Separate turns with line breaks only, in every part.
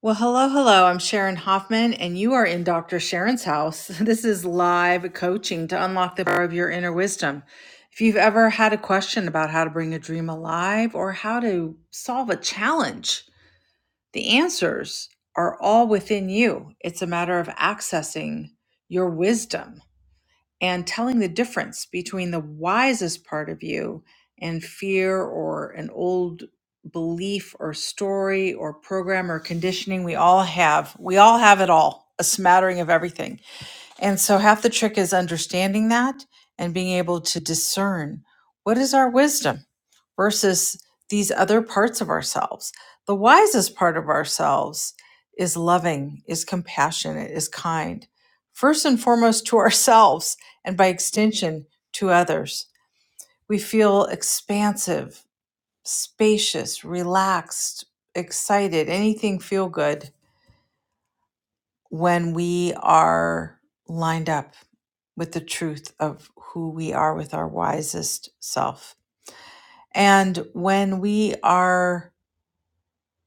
Well, hello, hello. I'm Sharon Hoffman, and you are in Dr. Sharon's house. This is live coaching to unlock the power of your inner wisdom. If you've ever had a question about how to bring a dream alive or how to solve a challenge, the answers are all within you. It's a matter of accessing your wisdom and telling the difference between the wisest part of you and fear or an old belief or story or program or conditioning we all have we all have it all a smattering of everything and so half the trick is understanding that and being able to discern what is our wisdom versus these other parts of ourselves. The wisest part of ourselves is loving, is compassionate, is kind, first and foremost to ourselves and by extension to others. We feel expansive, spacious, relaxed, excited, anything feel good when we are lined up with the truth of who we are with our wisest self. And when we are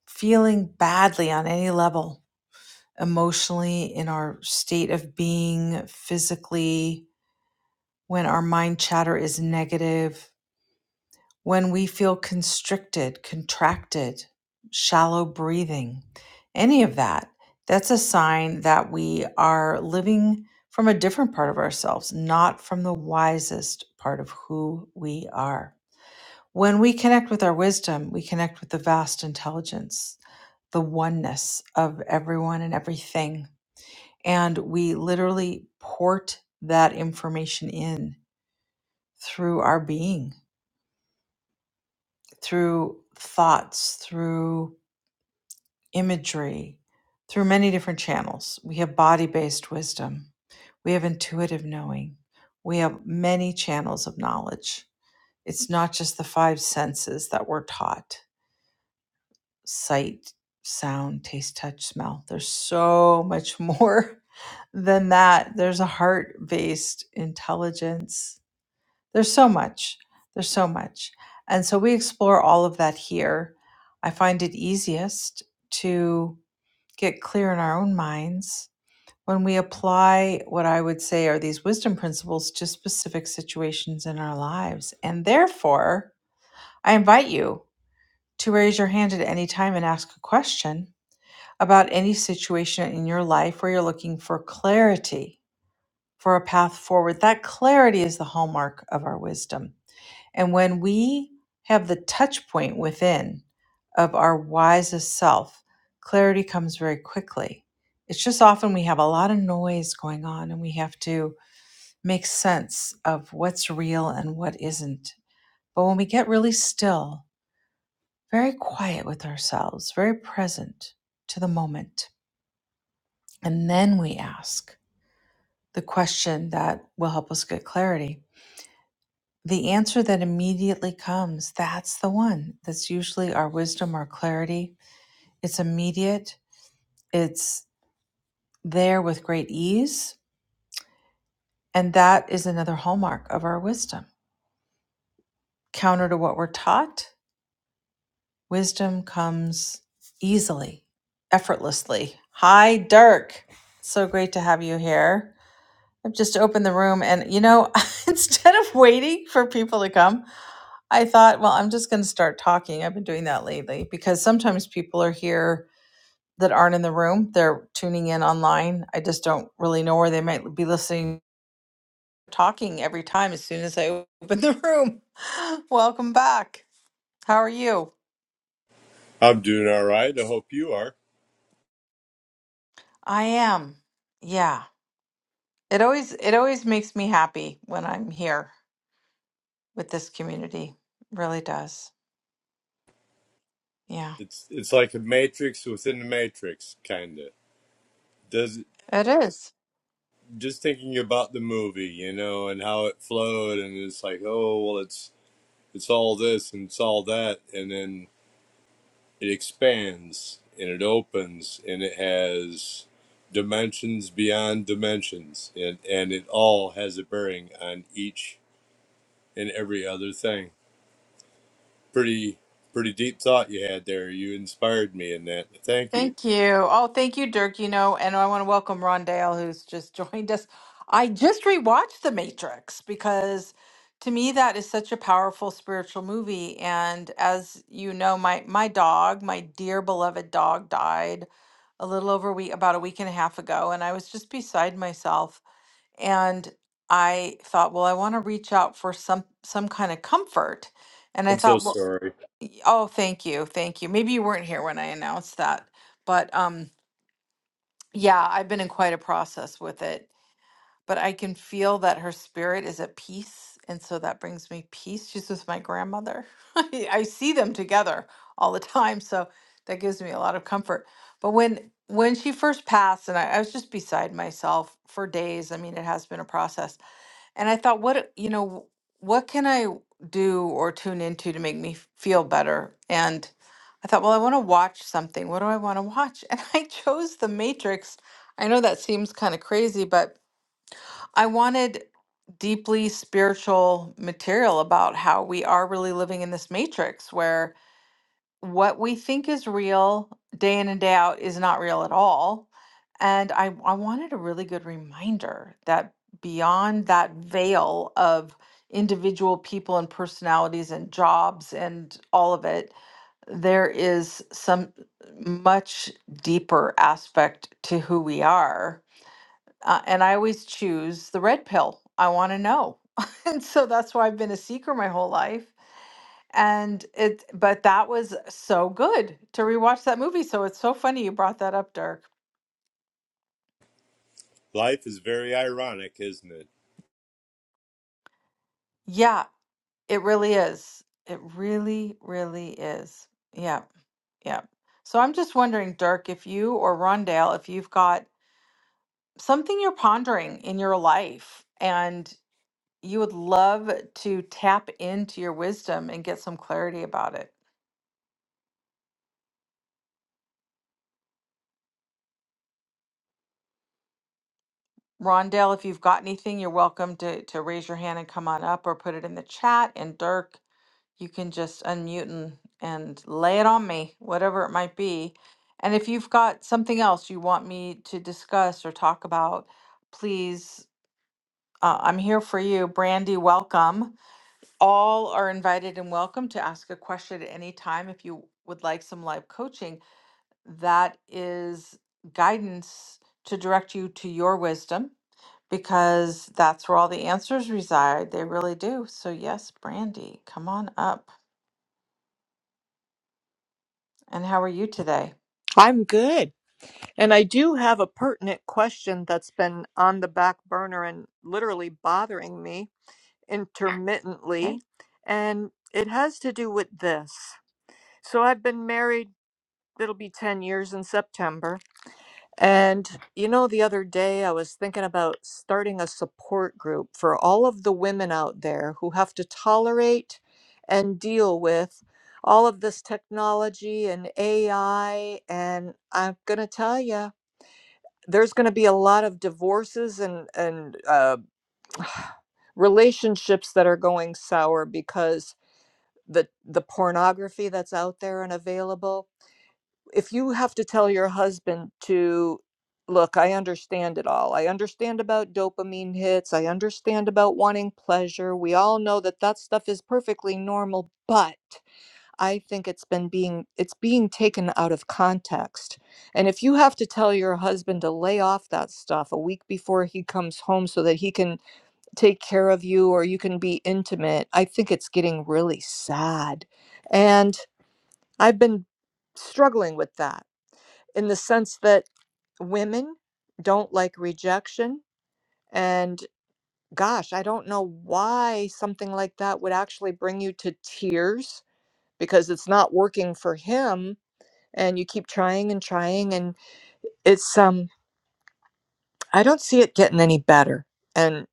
feeling badly on any level, emotionally, in our state of being, physically, when our mind chatter is negative, when we feel constricted, contracted, shallow breathing, any of that, that's a sign that we are living from a different part of ourselves, not from the wisest part of who we are. When we connect with our wisdom, we connect with the vast intelligence, the oneness of everyone and everything. And we literally port that information in through our being, through thoughts, through imagery through many different channels. We have body based wisdom, we have intuitive knowing, we have many channels of knowledge. It's not just the five senses that we're taught sight, sound, taste, touch, smell. There's so much more than that. There's a heart based intelligence. There's so much. There's so much. And so we explore all of that here. I find it easiest to get clear in our own minds when we apply what I would say are these wisdom principles to specific situations in our lives. And therefore, I invite you to raise your hand at any time and ask a question about any situation in your life where you're looking for clarity for a path forward. That clarity is the hallmark of our wisdom and when we have the touch point within of our wisest self, clarity comes very quickly. It's just often we have a lot of noise going on and we have to make sense of what's real and what isn't. But when we get really still, very quiet with ourselves, very present to the moment, and then we ask the question that will help us get clarity the answer that immediately comes that's the one that's usually our wisdom our clarity it's immediate it's there with great ease and that is another hallmark of our wisdom counter to what we're taught wisdom comes easily effortlessly hi dirk so great to have you here i've just opened the room and you know instead of waiting for people to come I thought, well, I'm just going to start talking. I've been doing that lately because sometimes people are here that aren't in the room. They're tuning in online. I just don't really know where they might be listening, talking every time as soon as I open the room. Welcome back. How are you?
I'm doing all right. I hope you are.
I am. Yeah. It always it always makes me happy when I'm here with this community. Really does. Yeah.
It's it's like a matrix within the matrix, kind of. Does
It is.
just thinking about the movie, you know, and how it flowed, and it's like, oh, well, it's it's all this and it's all that, and then it expands and it opens and it has dimensions beyond dimensions, and and it all has a bearing on each and every other thing. Pretty pretty deep thought you had there. You inspired me in that. Thank you.
Thank you. Oh, thank you, Dirk. You know, and I want to welcome Ron Dale, who's just joined us. I just rewatched The Matrix because to me that is such a powerful spiritual movie. And as you know, my my dog, my dear beloved dog, died a little over a week, about a week and a half ago, and I was just beside myself. And I thought, well, I want to reach out for some some kind of comfort. And I
I'm
thought,
so
well,
sorry.
Y- Oh, thank you. Thank you. Maybe you weren't here when I announced that, but um yeah, I've been in quite a process with it, but I can feel that her spirit is at peace, and so that brings me peace. She's with my grandmother. I, I see them together all the time, so that gives me a lot of comfort. But when when she first passed, and I, I was just beside myself for days. I mean, it has been a process. And I thought, what, you know, what can I do or tune into to make me f- feel better? And I thought, well, I want to watch something. What do I want to watch? And I chose The Matrix. I know that seems kind of crazy, but I wanted deeply spiritual material about how we are really living in this matrix where what we think is real day in and day out is not real at all. And I, I wanted a really good reminder that beyond that veil of individual people and personalities and jobs and all of it, there is some much deeper aspect to who we are uh, and I always choose the red pill. I want to know. and so that's why I've been a seeker my whole life. And it, but that was so good to rewatch that movie. So it's so funny you brought that up, Dirk.
Life is very ironic, isn't it?
Yeah, it really is. It really, really is. Yeah, yeah. So I'm just wondering, Dirk, if you or Rondale, if you've got something you're pondering in your life and you would love to tap into your wisdom and get some clarity about it. Rondell, if you've got anything, you're welcome to, to raise your hand and come on up or put it in the chat. And Dirk, you can just unmute and, and lay it on me, whatever it might be. And if you've got something else you want me to discuss or talk about, please, uh, I'm here for you. Brandy, welcome. All are invited and welcome to ask a question at any time if you would like some live coaching. That is guidance to direct you to your wisdom because that's where all the answers reside. They really do. So, yes, Brandy, come on up. And how are you today?
I'm good. And I do have a pertinent question that's been on the back burner and literally bothering me
Okay.
intermittently. And it has to do with this. So I've been married, it'll be 10 years in September. And you know, the other day I was thinking about starting a support group for all of the women out there who have to tolerate and deal with all of this technology and AI. And I'm going to tell you, there's going to be a lot of divorces and and uh, relationships that are going sour because the the pornography that's out there and available. If you have to tell your husband to look, I understand it all. I understand about dopamine hits. I understand about wanting pleasure. We all know that that stuff is perfectly normal, but I think it's been being it's being taken out of context. And if you have to tell your husband to lay off that stuff a week before he comes home so that he can take care of you or you can be intimate, I think it's getting really sad. And I've been struggling with that in the sense that women don't like rejection and gosh, I don't know why something like that would actually bring you to tears because it's not working for him and you keep trying and trying and it's um i don't see it getting any better and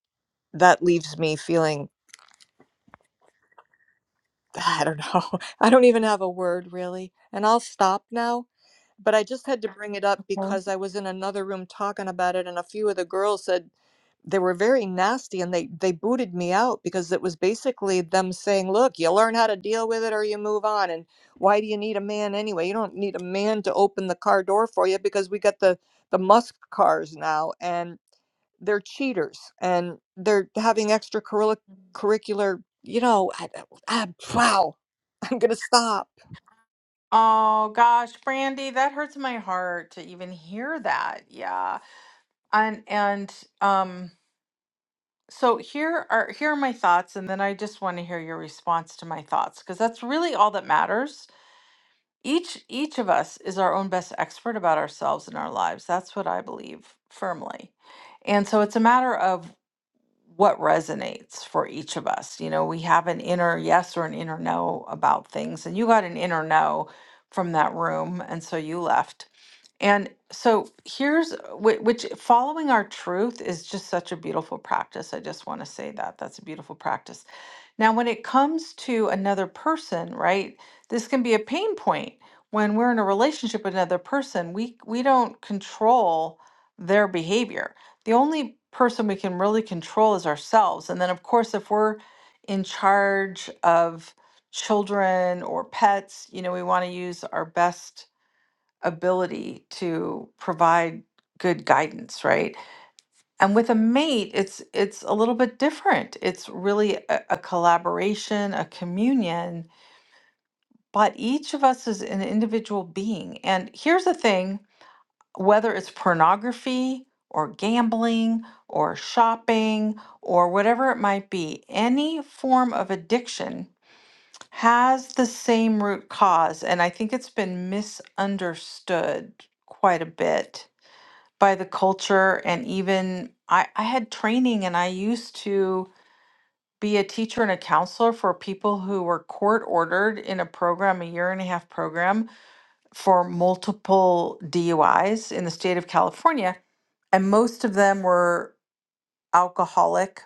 that leaves me feeling I don't know. I don't even have a word really. And I'll stop now. But I just had to bring it up
Okay.
because I was in another room talking about it, and a few of the girls said they were very nasty and they, they booted me out because it was basically them saying, Look, you learn how to deal with it or you move on. And why do you need a man anyway? You don't need a man to open the car door for you because we got the, the Musk cars now, and they're cheaters and they're having extracurricular, curricular, you know, I, I, wow. I'm going to stop.
Oh gosh, Brandy, that hurts my heart to even hear that. Yeah. And and um so here are here are my thoughts and then I just want to hear your response to my thoughts because that's really all that matters. Each each of us is our own best expert about ourselves and our lives. That's what I believe firmly. And so it's a matter of what resonates for each of us. You know, we have an inner yes or an inner no about things, and you got an inner no from that room, and so you left. And so here's uh, whi- which following our truth is just such a beautiful practice. I just want to say that that's a beautiful practice now, when it comes to another person, right, this can be a pain point. When we're in a relationship with another person, we we don't control their behavior. The only person we can really control is ourselves. And then, of course, if we're in charge of children or pets, you know, we want to use our best ability to provide good guidance, right? and with a mate it's it's a little bit different it's really a, a collaboration a communion but each of us is an individual being and here's the thing whether it's pornography or gambling or shopping or whatever it might be any form of addiction has the same root cause and i think it's been misunderstood quite a bit by the culture and even I, I had training and I used to be a teacher and a counselor for people who were court ordered in a program, a year and a half program for multiple DUIs in the state of California. And most of them were alcoholic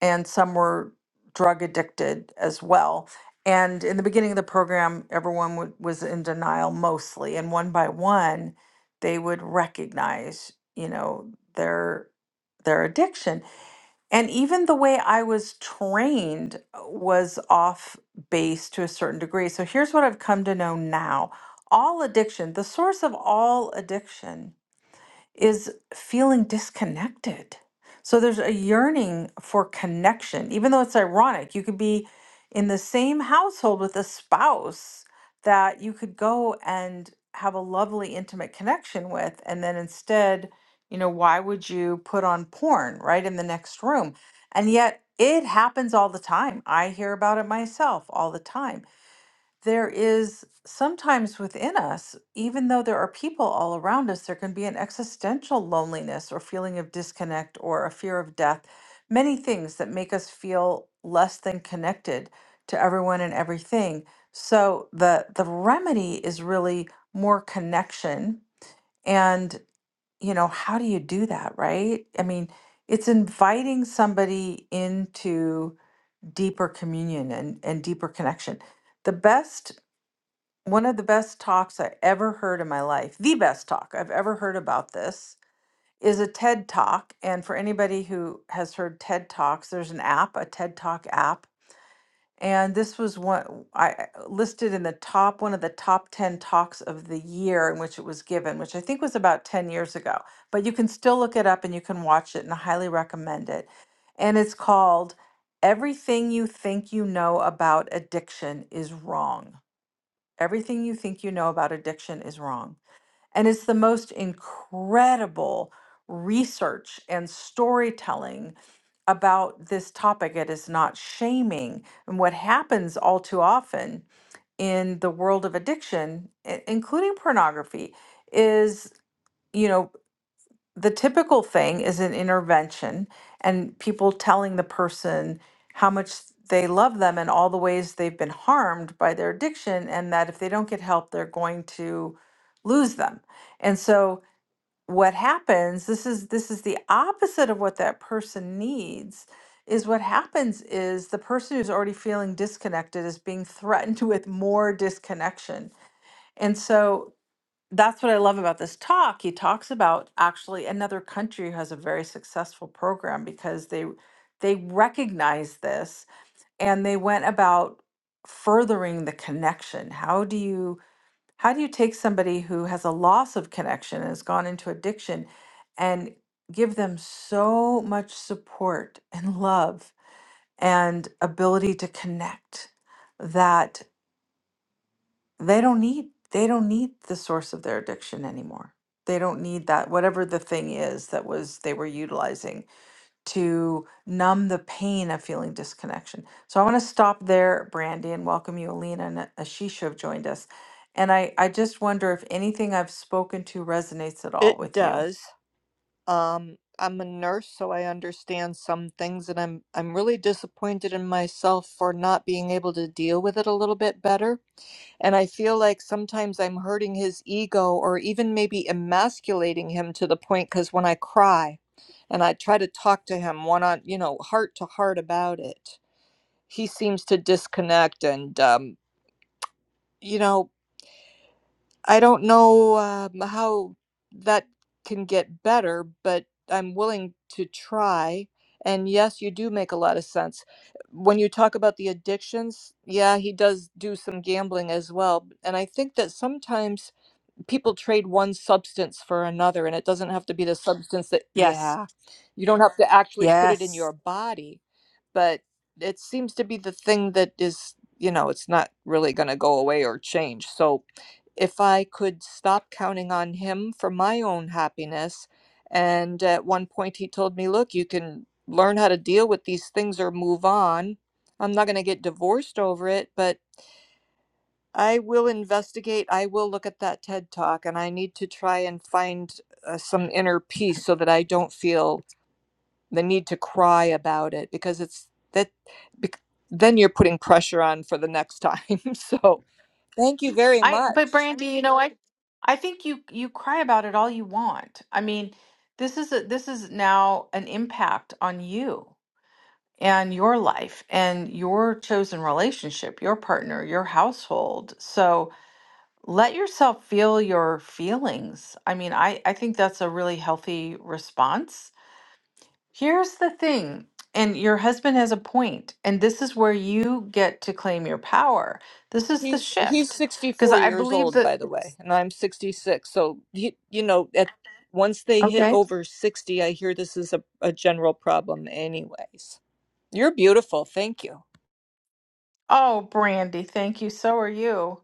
and some were drug addicted as well. And in the beginning of the program, everyone w- was in denial mostly, and one by one, they would recognize, you know, their their addiction. And even the way I was trained uh, was off base to a certain degree. So here's what I've come to know now: all addiction, the source of all addiction is feeling disconnected. So there's a yearning for connection, even though it's ironic. You could be in the same household with a spouse that you could go and have a lovely, intimate connection with. And then instead, you know, why would you put on porn right in the next room? And yet it happens all the time. I hear about it myself all the time there is sometimes within us, even though there are people all around us, there can be an existential loneliness or feeling of disconnect or a fear of death, many things that make us feel less than connected to everyone and everything. So the the remedy is really more connection and you know how do you do that right i mean it's inviting somebody into deeper communion and, and deeper connection the best one of the best talks I ever heard in my life, the best talk I've ever heard about this, is a TED Talk. And for anybody who has heard TED Talks, there's an app, a TED Talk app. And this was one I I- uh, listed in the top, one of the top 10 talks of the year in which it was given, which I think was about 10 years ago. But you can still look it up and you can watch it, and I highly recommend it. And it's called Everything You Think You Know About Addiction is Wrong Everything you think you know about addiction is wrong. And it's the most incredible research and storytelling about this topic. It is not shaming. And what happens all too often in the world of addiction, i- including pornography, is, you know, the typical thing is an intervention and people telling the person how much they love them and all the ways they've been harmed by their addiction and that if they don't get help they're going to lose them. And so what happens this is this is the opposite of what that person needs is what happens is the person who's already feeling disconnected is being threatened with more disconnection. And so that's what I love about this talk. He talks about actually another country who has a very successful program because they they recognize this and they went about furthering the connection. How do you how do you take somebody who has a loss of connection and has gone into addiction and give them so much support and love and ability to connect that? they don't need they don't need the source of their addiction anymore they don't need that whatever the thing is that was they were utilizing to numb the pain of feeling disconnection so i want to stop there brandy and welcome you alina and ashisha have joined us and i i just wonder if anything i've spoken to resonates at all
It
with you
does. Um, I'm a nurse, so I understand some things, and I'm I'm really disappointed in myself for not being able to deal with it a little bit better. And I feel like sometimes I'm hurting his ego, or even maybe emasculating him to the point. Because when I cry, and I try to talk to him one on, you know, heart to heart about it, he seems to disconnect, and um, you know. I don't know um, how that can get better, but I'm willing to try. And yes, you do make a lot of sense. When you talk about the addictions, yeah, he does do some gambling as well. And I think that sometimes people trade one substance for another and it doesn't have to be the substance that
Yes.
yeah you don't have to actually put it in
Yes.
your body but it seems to be the thing that is you know it's not really going to go away or change so if i could stop counting on him for my own happiness and at one point he told me look you can learn how to deal with these things or move on i'm not going to get divorced over it but I will investigate. I will look at that TED talk and I need to try and find uh, some inner peace so that I don't feel the need to cry about it because it's that bec- then you're putting pressure on for the next time. So, thank you very
I
much.
but Brandy, you know, I I think you you cry about it all you want. I mean, this is a this is now an impact on you. and your life and your chosen relationship, your partner, your household. So let yourself feel your feelings. I mean, I, I think that's a really healthy response. Here's the thing, and your husband has a point, and this is where you get to claim your power. This is the
He's he's
shift. Because
64
I
years
believe
old
that
by the way, and I'm 66. So, he, you know, at once they hit
Okay.
over 60, I hear this is a, a general problem anyways. You're beautiful. Thank you.
Oh, Brandy, thank you. So are you.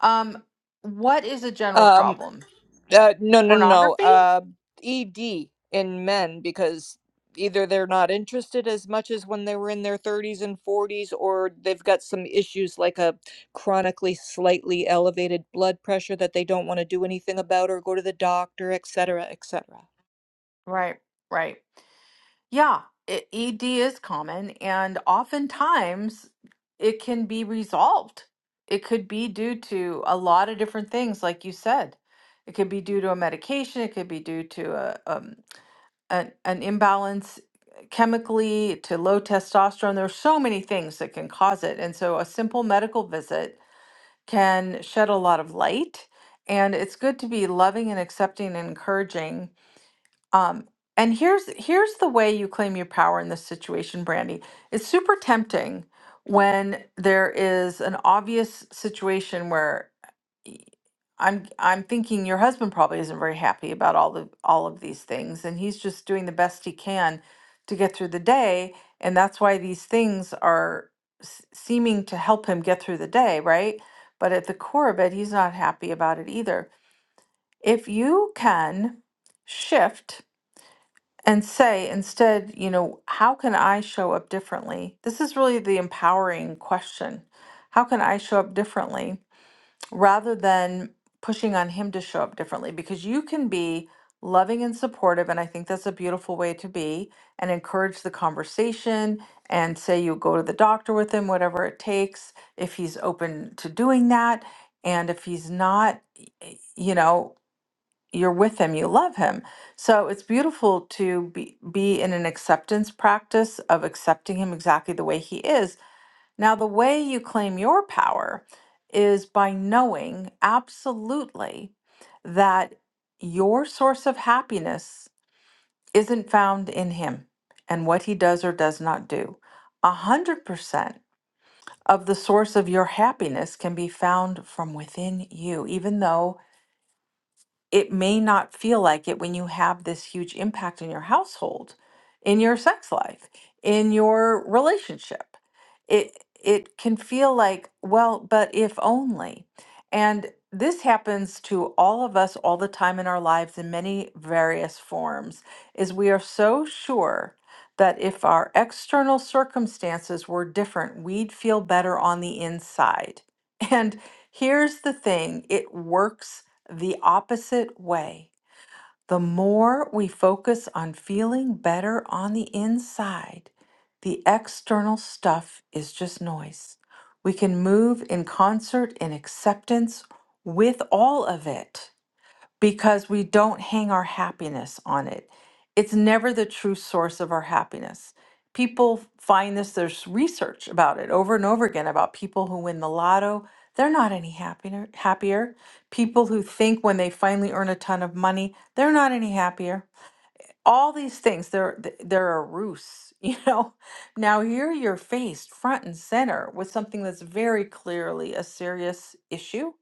Um, what is a general
Um
problem?
Uh, no, no, no.
Pornography?
Uh, ED in men because either they're not interested as much as when they were in their 30s and 40s, or they've got some issues like a chronically slightly elevated blood pressure that they don't want to do anything about or go to the doctor, et cetera, et cetera.
Right, right. Yeah, it, ED is common, and oftentimes it can be resolved. It could be due to a lot of different things, like you said. It could be due to a medication, it could be due to a, um, an, an imbalance chemically, to low testosterone. There's so many things that can cause it. And so a simple medical visit can shed a lot of light. And it's good to be loving and accepting and encouraging um, and here's here's the way you claim your power in this situation, Brandy. It's super tempting when there is an obvious situation where y- I'm I'm thinking your husband probably isn't very happy about all the all of these things, and he's just doing the best he can to get through the day, and that's why these things are s- seeming to help him get through the day, right? But at the core of it, he's not happy about it either. If you can shift and say instead, you know, how can I show up differently? This is really the empowering question. How can I show up differently rather than pushing on him to show up differently? Because you can be loving and supportive, and I think that's a beautiful way to be, and encourage the conversation and say you go to the doctor with him, whatever it takes, if he's open to doing that. And if he's not, y- you know, you're with him, you love him. So it's beautiful to be, be in an acceptance practice of accepting him exactly the way he is. Now, the way you claim your power is by knowing absolutely that your source of happiness isn't found in him and what he does or does not do. A hundred percent of the source of your happiness can be found from within you, even though it may not feel like it when you have this huge impact in your household, in your sex life, in your relationship. It it can feel like, well, but if only. And this happens to all of us all the time in our lives in many various forms is we are so sure that if our external circumstances were different, we'd feel better on the inside. And here's the thing, it works the opposite way. The more we focus on feeling better on the inside, the external stuff is just noise. We can move in concert in acceptance with all of it because we don't hang our happiness on it. It's never the true source of our happiness. People find this, there's research about it over and over again about people who win the lotto. They're not any happier, happier. People who think when they finally earn a ton of money, they're not any happier all these things they're th- they're a ruse you know now here you're faced front and center with something that's very clearly a serious issue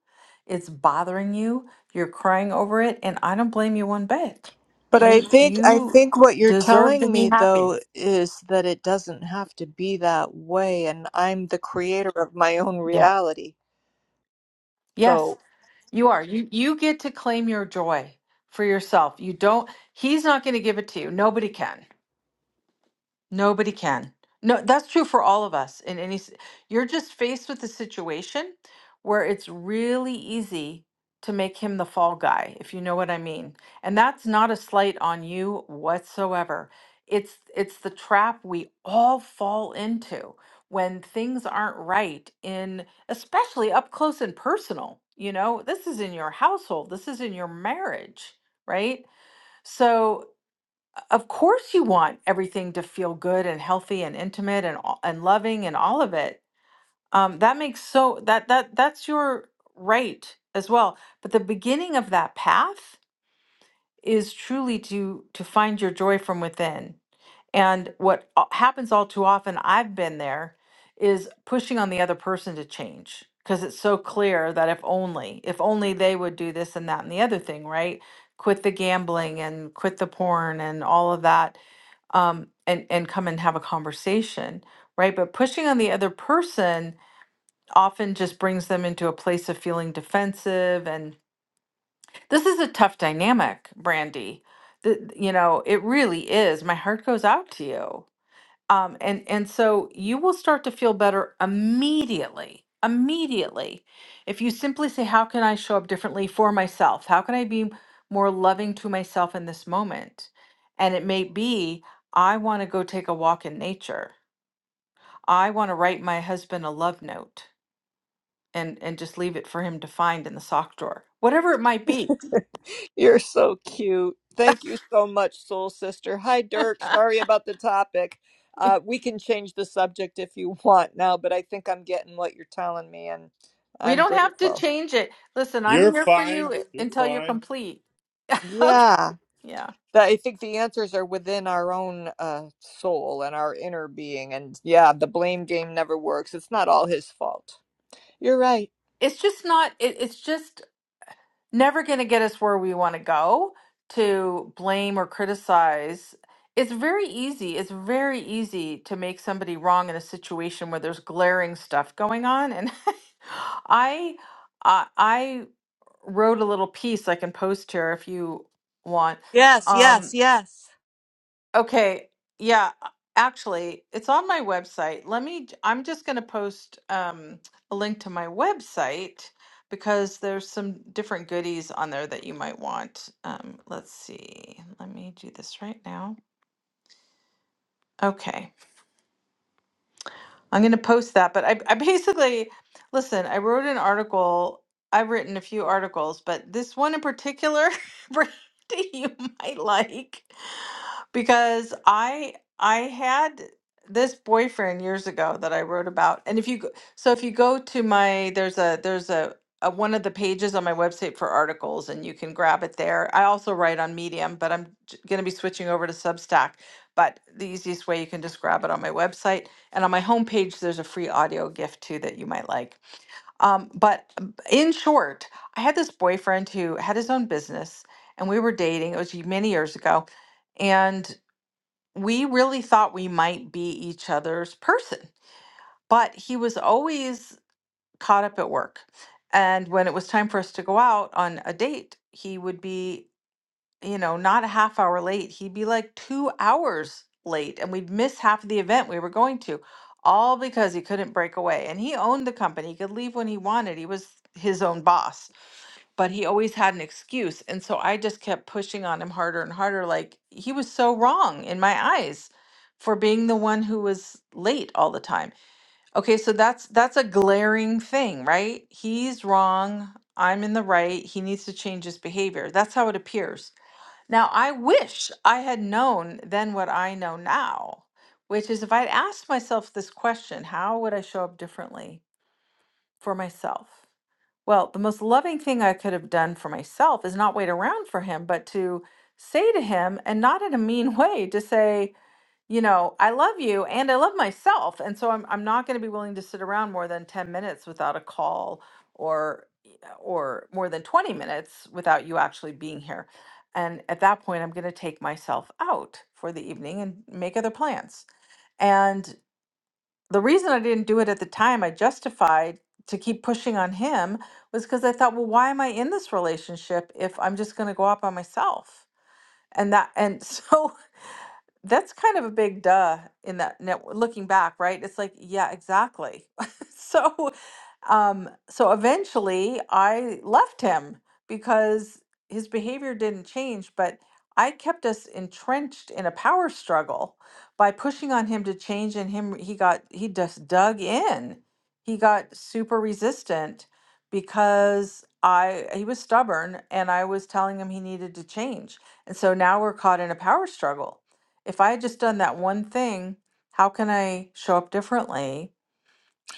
it's bothering you you're crying over it and i don't blame you one bit
But I
you
think I
you
think what you're
deserve to
telling
be
me
happy
though is that it doesn't have to be that way and I'm the creator of my own
yeah
reality.
yes
So
you are you you get to claim your joy for yourself you don't he's not going to give it to you nobody can Nobody can. No, that's true for all of us in any s- you're just faced with a situation where it's really easy to make him the fall guy, if you know what I mean. And that's not a slight on you whatsoever. It's it's the trap we all fall into when things aren't right in especially up close and personal. You know, this is in your household, this is in your marriage, right? So of course, you want everything to feel good and healthy and intimate and all- and loving and all of it. Um, that makes so that that that's your right as well. But the beginning of that path is truly to to find your joy from within and what o- happens all too often, I've been there, is pushing on the other person to change because it's so clear that if only, if only they would do this and that and the other thing, right? Quit the gambling and quit the porn and all of that, um, and and come and have a conversation, right? But pushing on the other person often just brings them into a place of feeling defensive, and this is a tough dynamic, Brandy. Th- you know, it really is. My heart goes out to you um, and and so you will start to feel better immediately immediately if you simply say how can i show up differently for myself how can i be more loving to myself in this moment and it may be i want to go take a walk in nature i want to write my husband a love note and and just leave it for him to find in the sock drawer whatever it might be
You're so cute. Thank you so much, Soul Sister. Hi, Dirk. Sorry about the topic. Uh, we can change the subject if you want now, but I think I'm getting what you're telling me, and
we
I'm
don't have to
grateful.
change it listen i'm
You're
here for
fine.
you
You're
until you're
fine.
complete okay
Yeah.
yeah
But I think the answers are within our own uh, soul and our inner being. And yeah, the blame game never works. It's not all his fault. You're right.
it's just not it, it's just never going to get us where we want to go to blame or criticize. It's very easy. It's very easy to make somebody wrong in a situation where there's glaring stuff going on. And I, I, I wrote a little piece I can post here if you want.
Yes,
Um,
yes, yes.
Okay. Yeah. uh, Actually, it's on my website. Let me, i I'm just going to post um, a link to my website because there's some different goodies on there that you might want. Um, let's see. Let me do this right now. Okay. I'm going to post that. But I, I basically, listen, I wrote an article. I've written a few articles, but this one in particular, Brandy, you might like. because I I had this boyfriend years ago that I wrote about, and if you go, so if you go to my there's a there's a, a one of the pages on my website for articles, and you can grab it there. I also write on Medium, but I'm going to be switching over to Substack. But the easiest way you can just grab it on my website, and on my homepage there's a free audio gift too that you might like. Um, but uh, b- in short, I had this boyfriend who had his own business and we were dating. It was y- many years ago. and we really thought we might be each other's person, but he was always caught up at work. And when it was time for us to go out on a date, he would be, you know, not a half hour late. He'd be like two hours late, and we'd miss half of the event we were going to, all because he couldn't break away. And he owned the company, he could leave when he wanted. He was his own boss but he always had an excuse. And so I just kept pushing on him harder and harder. Like he was so wrong in my eyes for being the one who was late all the time. Okay, so that's that's a glaring thing, right? He's wrong, I'm in the right. He needs to change his behavior. That's how it appears. Now, I wish I had known then what I know now, which is if I'd asked myself this question, how would I show up differently? for myself. Well, the most loving thing I could have done for myself is not wait around for him, but to say to him, and not in a mean way, to say, you know, I love you and I love myself. And so I'm, I'm not going to be willing to sit around more than 10 minutes without a call or or more than 20 minutes without you actually being here. And at that point, I'm going to take myself out for the evening and make other plans. and the reason I didn't do it at the time, I justified to keep pushing on him was because I thought, well, why am I in this relationship if I'm just going to go out by myself? And that, and so that's kind of a big duh in that net looking back, right? It's like, yeah, exactly. So, um, so eventually I left him because his behavior didn't change, but I kept us entrenched in a power struggle by pushing on him to change and him he got he just dug in. He got super resistant because I he was stubborn and I was telling him he needed to change. And so now we're caught in a power struggle if I had just done that one thing, how can I show up differently?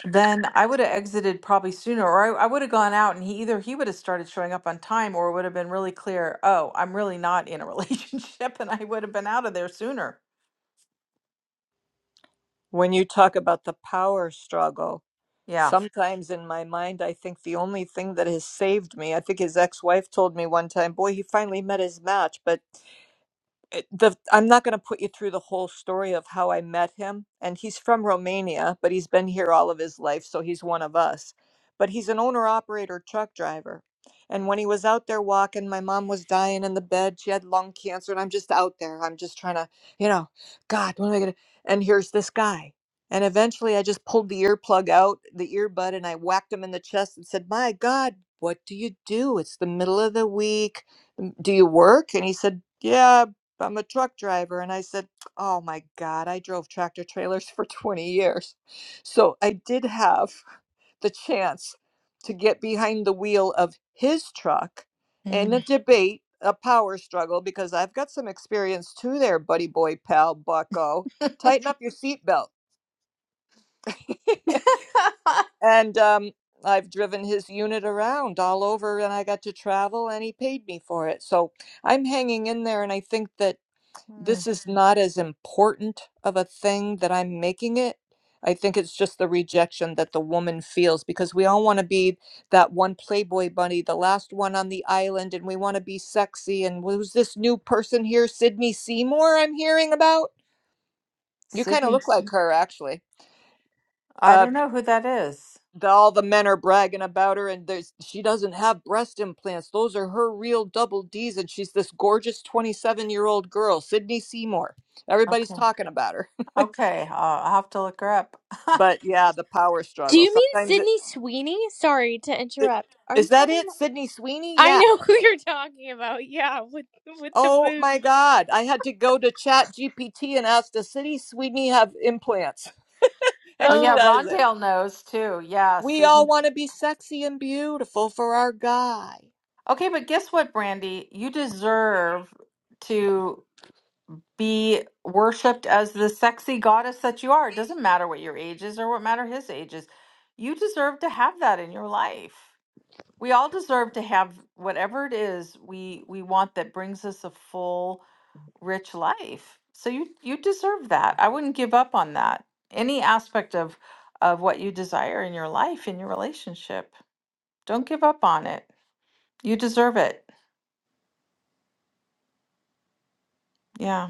Then I would have exited probably sooner, or I, I would have gone out and he either he would have started showing up on time or it would have been really clear, oh, I'm really not in a relationship and I would have been out of there sooner.
When you talk about the power struggle,
Yeah.
Sometimes in my mind, I think the only thing that has saved me, I think his ex wife told me one time, boy, he finally met his match. But it- the I'm not going to put you through the whole story of how I met him. And he's from Romania, but he's been here all of his life, so he's one of us. But he's an owner operator truck driver. And when he was out there walking, my mom was dying in the bed. She had lung cancer, and I'm just out there. I'm just trying to, you know, God, what am I going to? And here's this guy. And eventually I just pulled the earplug out, the earbud, and I whacked him in the chest and said, My God, what do you do? It's the middle of the week. "Mm, Do you work? And he said, Yeah, I'm a truck driver. And I said, Oh my God, I drove tractor trailers for 20 years. So I did have the chance to get behind the wheel of his truck in a
Mm.
debate, a power struggle, because I've got some experience too there, buddy boy, pal, bucko. Tighten up your seatbelt. and um, I've driven his unit around all over and I got to travel and he paid me for it. So I'm hanging in there. And I think that
Hmm.
this is not as important of a thing that I'm making it. I think it's just the rejection that the woman feels because we all want to be that one Playboy bunny, the last one on the island, and we want to be sexy. And who's this new person here, Sydney Seymour, I'm hearing about? You kind of
Sydney.
look
Sim-
like her, actually.
I
Uh,
don't know who that is.
the, all the men are bragging about her, and there's she doesn't have breast implants. Those are her real double Ds, and she's this gorgeous 27 year old girl, Sydney Seymour. Everybody's
Okay.
talking about her.
Okay. Uh, I'll have to look her up. oh,
But yeah, the power
Do
struggle.
you mean
Sometimes it,
Sydney Sweeney? Sorry to
it
interrupt. Are
is
you
that
talking
it,
about?
Sydney Sweeney?
I
Yeah.
know who you're talking about. Yeah, with with the
Oh my
boob.
God. I had to go to Chat GPT and ask, does Sydney Sweeney have implants? And she
yeah.
Oh,
does it.
Rondale knows too. Yeah.
We all
Sydney
want to be sexy and beautiful for our guy.
Okay, but guess what, Brandy? You deserve to be worshipped as the sexy goddess that you are. It doesn't matter what your age is or what matter his age is. You deserve to have that in your life. We all deserve to have whatever it is we we want that brings us a full, rich life. So you you deserve that. I wouldn't give up on that. Any aspect of of what you desire in your life, in your relationship. Don't give up on it. You deserve it. Yeah.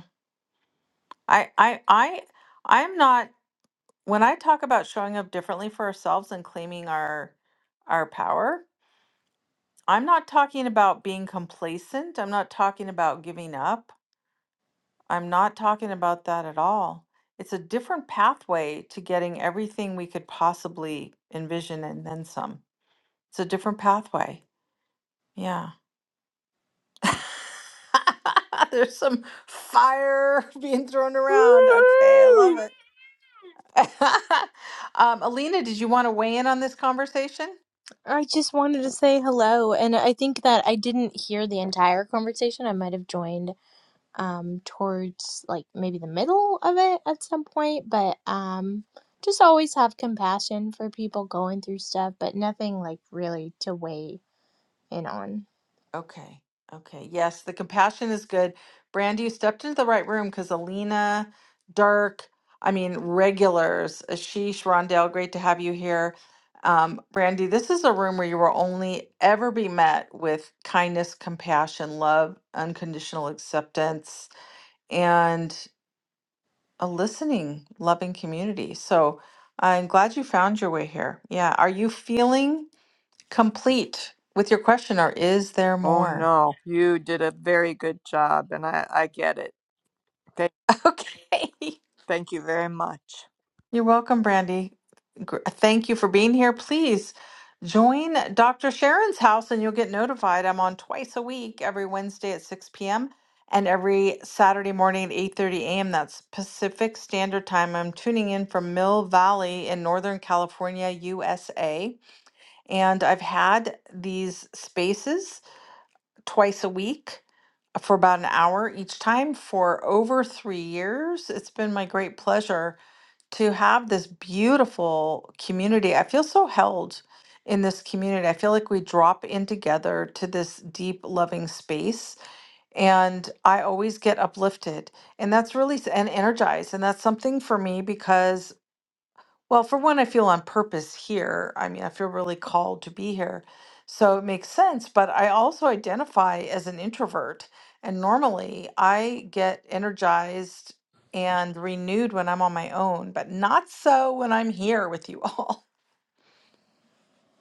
I I I I'm not when I talk about showing up differently for ourselves and claiming our our power, I'm not talking about being complacent. I'm not talking about giving up. I'm not talking about that at all. It's a different pathway to getting everything we could possibly envision and then some. It's a different pathway. Yeah. There's some fire being thrown around. Okay, I love
Woo!
it. um, Alina, did you want to weigh in on this conversation?
I just wanted to say hello, and I think that I didn't hear the entire conversation. I might have joined um towards like maybe the middle of it at some point, but um just always have compassion for people going through stuff, but nothing like really to weigh in on.
Okay. Okay. Yes, the compassion is good. Brandy, you stepped into the right room because Alina, Dirk, I mean, regulars, Ashish, Rondell, great to have you here. Um, Brandy, this is a room where you will only ever be met with kindness, compassion, love, unconditional acceptance, and a listening, loving community. So I'm glad you found your way here. Yeah. Are you feeling? complete with your question or is there
Oh
more?
no, you did a very good job and I, I get it. Thank,
Okay.
thank you very much.
You're welcome, Brandy. Gr- Thank you for being here. Please join Dr. Sharon's house and you'll get notified. I'm on twice a week, every Wednesday at 6 p.m. and every Saturday morning at 8:30 a.m. That's Pacific Standard Time. I'm tuning in from Mill Valley in Northern California, USA, and I've had these spaces twice a week for about an hour each time for over three years. It's been my great pleasure to have this beautiful community. I feel so held in this community. I feel like we drop in together to this deep, loving space, and I always get uplifted. And that's really s- and energized. And that's something for me because. Well, for one, I feel on purpose here. I mean, I feel really called to be here. So it makes sense, but I also identify as an introvert. And normally I get energized and renewed when I'm on my own, but not so when I'm here with you all.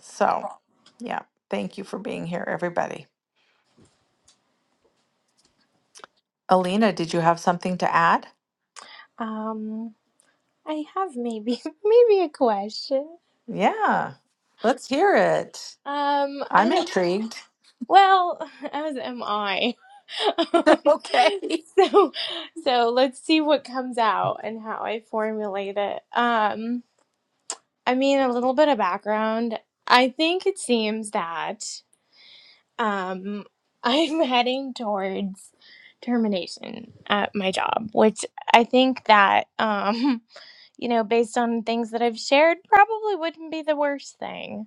So, yeah, thank you for being here, everybody. Alina, did you have something to add?
Um, I have maybe maybe a question.
Yeah, let's hear it.
Um, I
I'm
don't.
intrigued.
Well, as am I. Um,
Okay.
so, so let's see what comes out and how I formulate it. Um, I mean, a little bit of background. I think it seems that um, I'm heading towards termination at my job, which I think that um, you know, based on things that I've shared, probably wouldn't be the worst thing.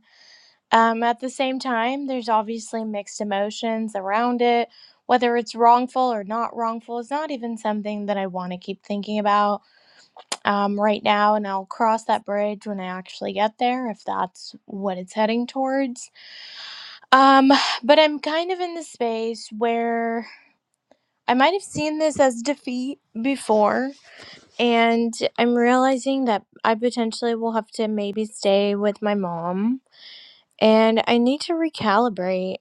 Um, at the same time, there's obviously mixed emotions around it. Whether it's wrongful or not wrongful is not even something that I want to keep thinking about um, right now, and I'll cross that bridge when I actually get there if that's what it's heading towards. Um, but I'm kind of in the space where I might have seen this as defeat before, and I'm realizing that I potentially will have to maybe stay with my mom and I need to recalibrate.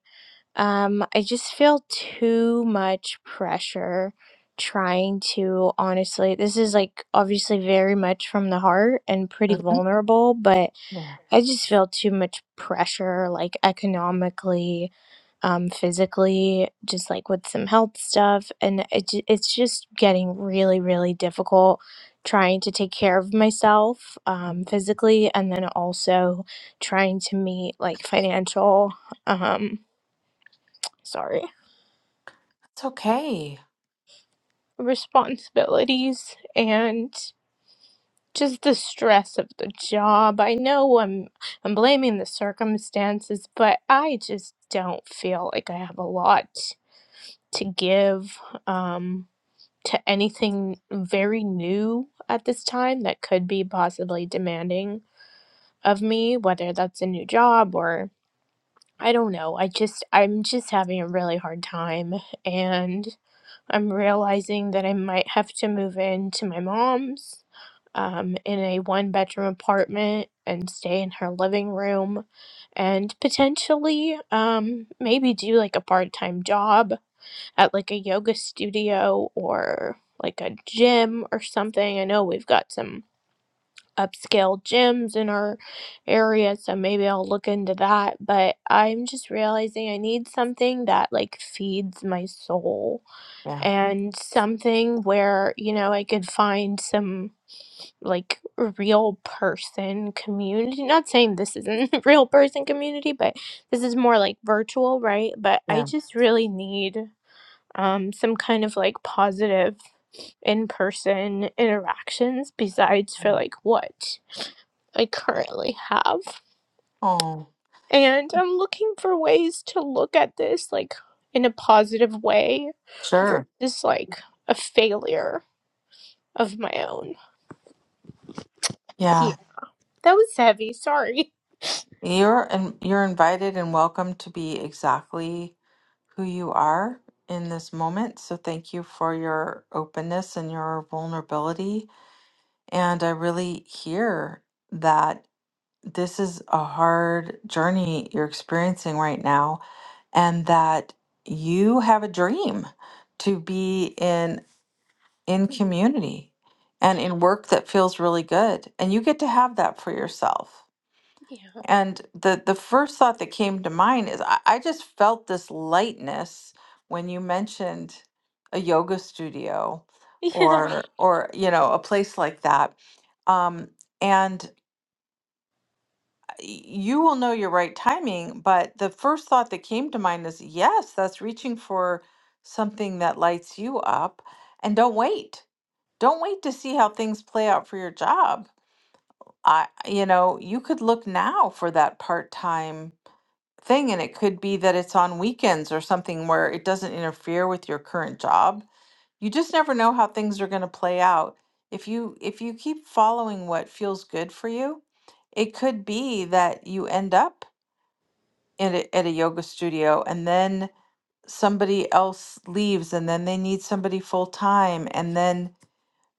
Um, I just feel too much pressure trying to honestly, this is like obviously very much from the heart and pretty
Mhm.
vulnerable, but
Yeah.
I just feel too much pressure, like economically, um, physically, just like with some health stuff. And it, ju- it's just getting really, really difficult trying to take care of myself, um, physically, and then also trying to meet like financial, um, sorry
It's okay.
responsibilities and just the stress of the job. I know I'm I'm blaming the circumstances, but I just don't feel like I have a lot to give um to anything very new at this time that could be possibly demanding of me, whether that's a new job or I don't know. I just I'm just having a really hard time and. I'm realizing that I might have to move into my mom's um, in a one bedroom apartment and stay in her living room and potentially um, maybe do like a part time job at like a yoga studio or like a gym or something. I know we've got some upscale gyms in our area, so maybe I'll look into that. But I'm just realizing I need something that like feeds my soul
Yeah.
and something where you know i could find some like real person community not saying this isn't real person community but this is more like virtual right but i
Yeah.
just really need um some kind of like positive in-person interactions besides for like what i currently have
Oh,
and i'm looking for ways to look at this like in a positive way
sure.
versus like a failure of my own. Yeah.
Yeah.
That was heavy. Sorry.
You're and you're invited and welcome to be exactly who you are in this moment. So thank you for your openness and your vulnerability. And I really hear that this is a hard journey you're experiencing right now and that you have a dream to be in in community and in work that feels really good and you get to have that for yourself
Yeah.
and the the first thought that came to mind is i, I just felt this lightness when you mentioned a yoga studio
Yeah.
or or you know a place like that um and you will know your right timing but the first thought that came to mind is yes that's reaching for something that lights you up and don't wait don't wait to see how things play out for your job. I, you know, you could look now for that part-time thing, and it could be that it's on weekends or something where it doesn't interfere with your current job. You just never know how things are going to play out. If you if you keep following what feels good for you, it could be that you end up in a, at a yoga studio and then somebody else leaves and then they need somebody full time and then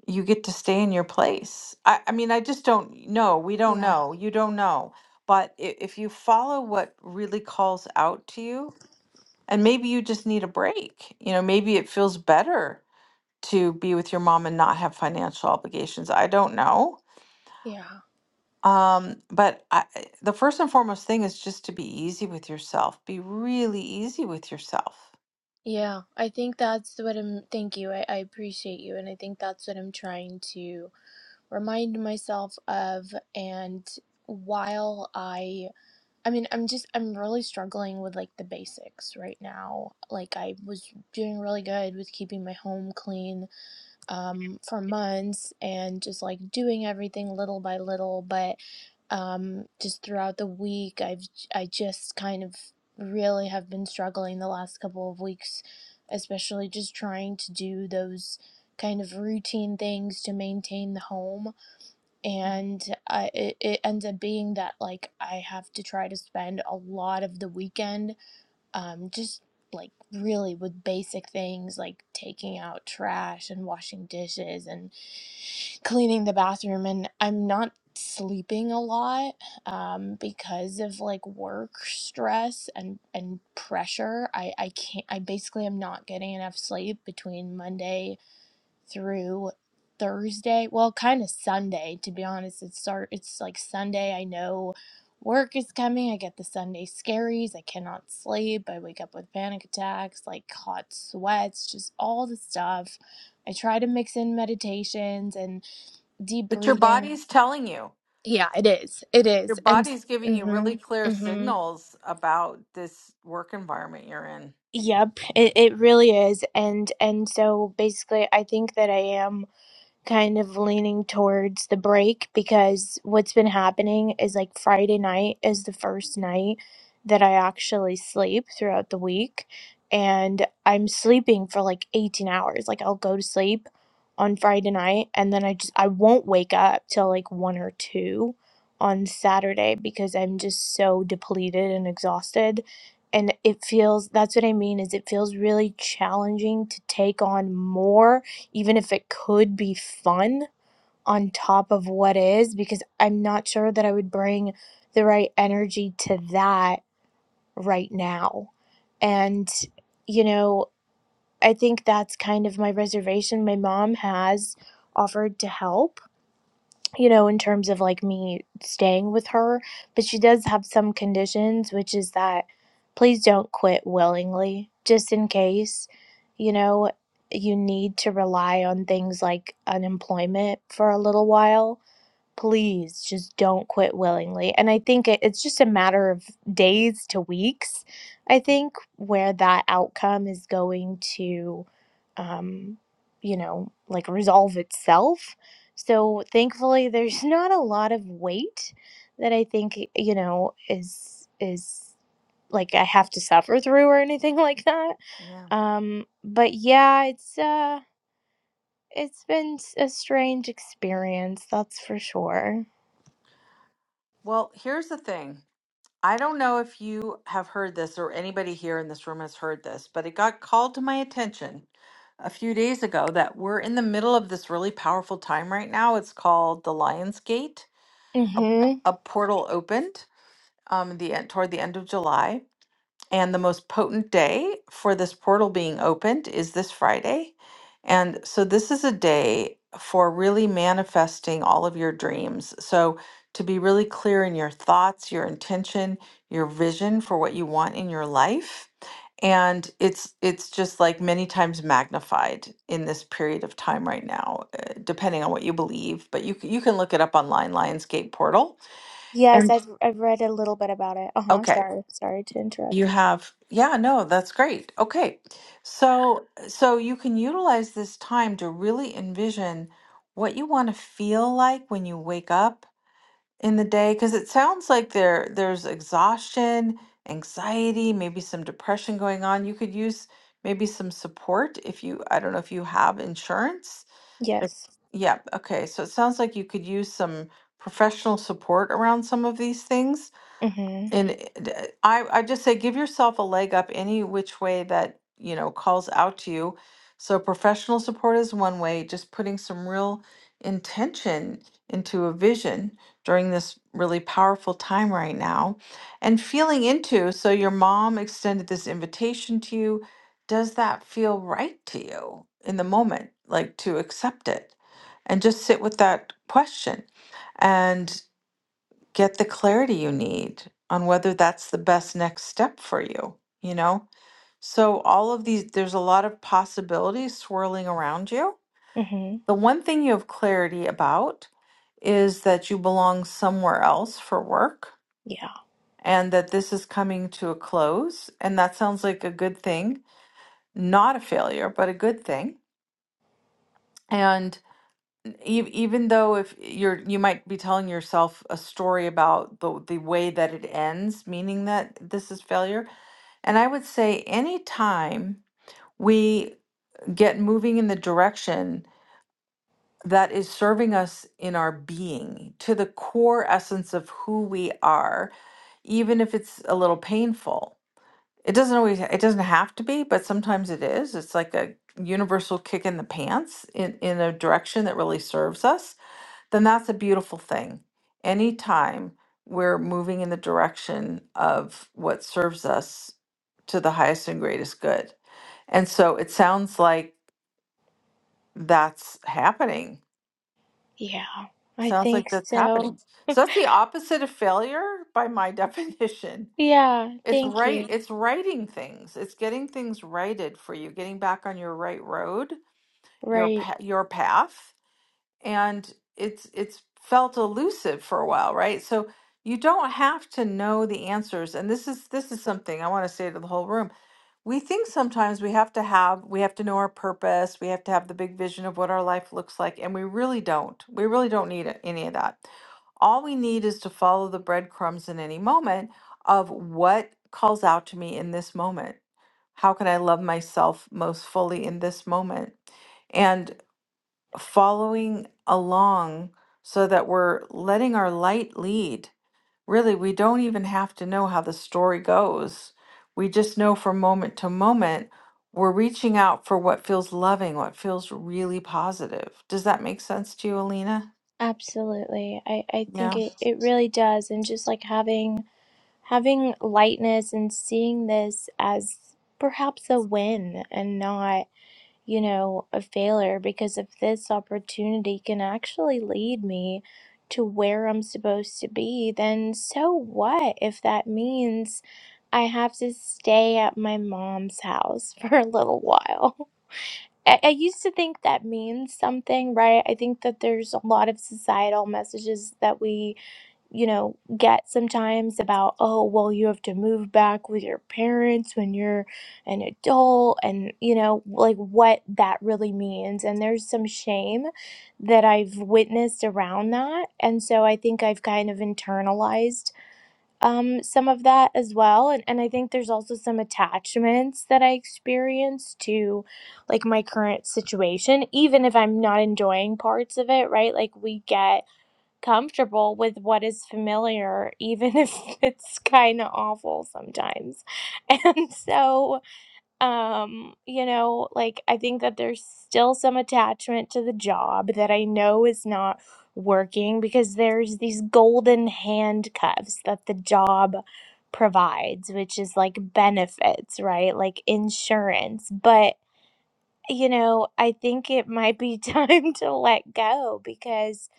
you get to stay in your place. I, I mean, I just don't know. We don't
Yeah.
know. You don't know. But if, if you follow what really calls out to you, and maybe you just need a break, you know, maybe it feels better to be with your mom and not have financial obligations. I don't know.
Yeah.
Um, but I, I- the first and foremost thing is just to be easy with yourself, be really easy with yourself.
Yeah. I think that's what I'm. Thank you. I, I appreciate you. And I think that's what I'm trying to remind myself of. And while I. I mean, I'm just. I'm really struggling with like the basics right now. Like, I was doing really good with keeping my home clean um, for months and just like doing everything little by little. But um, just throughout the week, I've I just kind of really have been struggling the last couple of weeks, especially just trying to do those kind of routine things to maintain the home. And I, it, it ends up being that like I have to try to spend a lot of the weekend um, just like really with basic things like taking out trash and washing dishes and cleaning the bathroom. And I'm not sleeping a lot um, because of like work stress and and pressure. I I can't. I basically am not getting enough sleep between Monday through Thursday. Well, kind of Sunday, to be honest. It start it's like Sunday. I know work is coming. I get the Sunday scaries. I cannot sleep. I wake up with panic attacks, like hot sweats, just all the stuff. I try to mix in meditations and deep
But your
breathing.
body's telling you.
Yeah, it is. It
Your
is. And
body's giving you really
mhm.
clear
Mhm.
signals about this work environment you're in.
Yep, it, it really is. And and so basically I think that I am kind of leaning towards the break because what's been happening is like Friday night is the first night that I actually sleep throughout the week. And I'm sleeping for like 18 hours. Like I'll go to sleep on Friday night and then I just, I won't wake up till like one or two on Saturday because I'm just so depleted and exhausted. And it feels, that's what I mean, is it feels really challenging to take on more even if it could be fun on top of what is, because I'm not sure that I would bring the right energy to that right now. And, you know, I think that's kind of my reservation. My mom has offered to help you know, in terms of like me staying with her, but she does have some conditions, which is that please don't quit willingly, just in case, you know, you need to rely on things like unemployment for a little while please just don't quit willingly. And I think it, it's just a matter of days to weeks, I think, where that outcome is going to, um, you know, like resolve itself. So thankfully, there's not a lot of weight that I think, you know, is, is, like I have to suffer through or anything like that.
Yeah.
Um, but yeah, it's uh, it's been s- a strange experience, that's for sure.
Well, here's the thing. I don't know if you have heard this or anybody here in this room has heard this, but it got called to my attention a few days ago that we're in the middle of this really powerful time right now. It's called the Lion's Gate. A,
Mm-hmm.
a portal opened um, the end, toward the end of July. And the most potent day for this portal being opened is this Friday. And so this is a day for really manifesting all of your dreams. So to be really clear in your thoughts, your intention, your vision for what you want in your life. And it's it's just like many times magnified in this period of time right now, uh, depending on what you believe. But you c- you can look it up online, Lionsgate Portal.
Yes,
And
I've I've read a little bit about it. Uh-huh.
okay,
Sorry. Sorry to
You
interrupt.
have, yeah, no, that's great. Okay. So, so you can utilize this time to really envision what you want to feel like when you wake up in the day, because it sounds like there there's exhaustion, anxiety, maybe some depression going on. You could use maybe some support if you, I don't know if you have insurance. Like-
Yes.
Yeah, okay. So it sounds like you could use some professional support around some of these things.
Mm-hmm.
And it- d- eh, I, I just say give yourself a leg up any which way that, you know, calls out to you. So professional support is one way, just putting some real intention into a vision during this really powerful time right now and feeling into. So your mom extended this invitation to you. Does that feel right to you in the moment? Like to accept it and just sit with that question get the clarity you need on whether that's the best next step for you, you know? So, all of these, there's a lot of possibilities swirling around you.
Mm-hmm.
The one thing you have clarity about is that you belong somewhere else for work
Yeah.
and that this is coming to a close. And that sounds like a good thing, not a failure, but a good thing. And e- even though if you're you might be telling yourself a story about the the way that it ends meaning that this is failure And I would say anytime we get moving in the direction that is serving us in our being to the core essence of who we are, even if it's a little painful. It doesn't always it doesn't have to be, but sometimes it is. It's like a universal kick in the pants in, in a direction that really serves us, then that's a beautiful thing. Anytime we're moving in the direction of what serves us to the highest and greatest good and so it sounds like that's happening.
Yeah. I
Sounds
think
like that's
so.
happening. So that's the opposite of failure by my definition.
Yeah,
It's
thank
right
you.
it's writing things. It's getting things righted for you, getting back on your right road, your
Right.
pa- your path. And it's it's felt elusive for a while, right? So you don't have to know the answers. And this is this is something I want to say to the whole room we think sometimes we have to have we have to know our purpose we have to have the big vision of what our life looks like and we really don't we really don't need a- any of that all we need is to follow the breadcrumbs in any moment of what calls out to me in this moment how can i love myself most fully in this moment and following along so that we're letting our light lead Really, we don't even have to know how the story goes. We just know from moment to moment, we're reaching out for what feels loving, what feels really positive. Does that make sense to you, Alina?
Absolutely. I, I
No?
think it, it really does. And just like having having lightness and seeing this as perhaps a win and not you know, a failure because if this opportunity can actually lead me to where I'm supposed to be, then so what if that means I have to stay at my mom's house for a little while? I, I used to think that means something, right? I think that there's a lot of societal messages that we you know, get sometimes about, oh, well, you have to move back with your parents when you're an adult, and, you know, like what that really means. And there's some shame that I've witnessed around that. And so I think I've kind of internalized um, some of that as well. And, and I think there's also some attachments that I experience to like my current situation, even if I'm not enjoying parts of it, right? Like we get comfortable with what is familiar, even if it's kind of awful sometimes. And so, um, you know, like I think that there's still some attachment to the job that I know is not working because there's these golden handcuffs that the job provides, which is like benefits, right? Like insurance. But you know, I think it might be time to let go because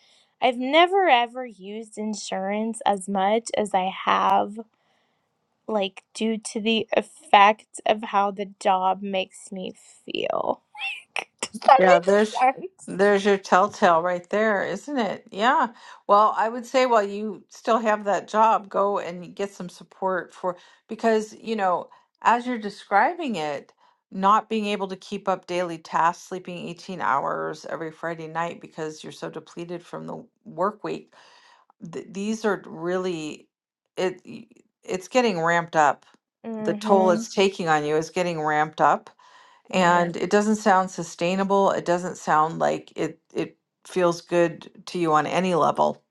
I've never ever used insurance as much as I have, like, due to the effect of how the job makes me feel. Does that
Yeah, there's
make sense?
there's your telltale right there, isn't it? Yeah. Well, I would say while you still have that job, go and get some support for because, you know, as you're describing it, not being able to keep up daily tasks, sleeping 18 hours every Friday night because you're so depleted from the work week, th these are really it it's getting ramped up. The toll
Mm-hmm.
it's taking on you is getting ramped up
Yep.
and it doesn't sound sustainable. It doesn't sound like it it feels good to you on any level.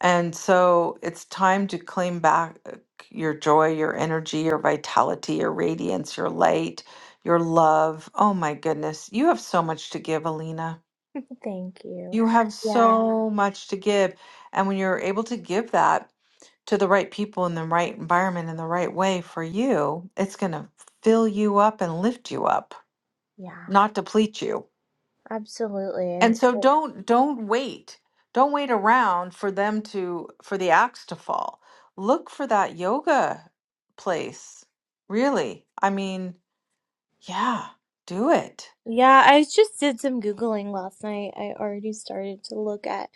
And so it's time to claim back uh, your joy, your energy, your vitality, your radiance, your light, your love. Oh my goodness, you have so much to give, Alina.
Thank you.
You have Yeah.
Yeah.
so much to give. And when you're able to give that to the right people in the right environment in the right way for you, it's going to fill you up and lift you up,
Yeah.
not deplete you.
Absolutely.
And
And
so don't don't wait. Don't wait around for them to for the axe to fall. Look for that yoga place. Really. I mean, yeah, do it.
Yeah, I just did some Googling last night. I already started to look at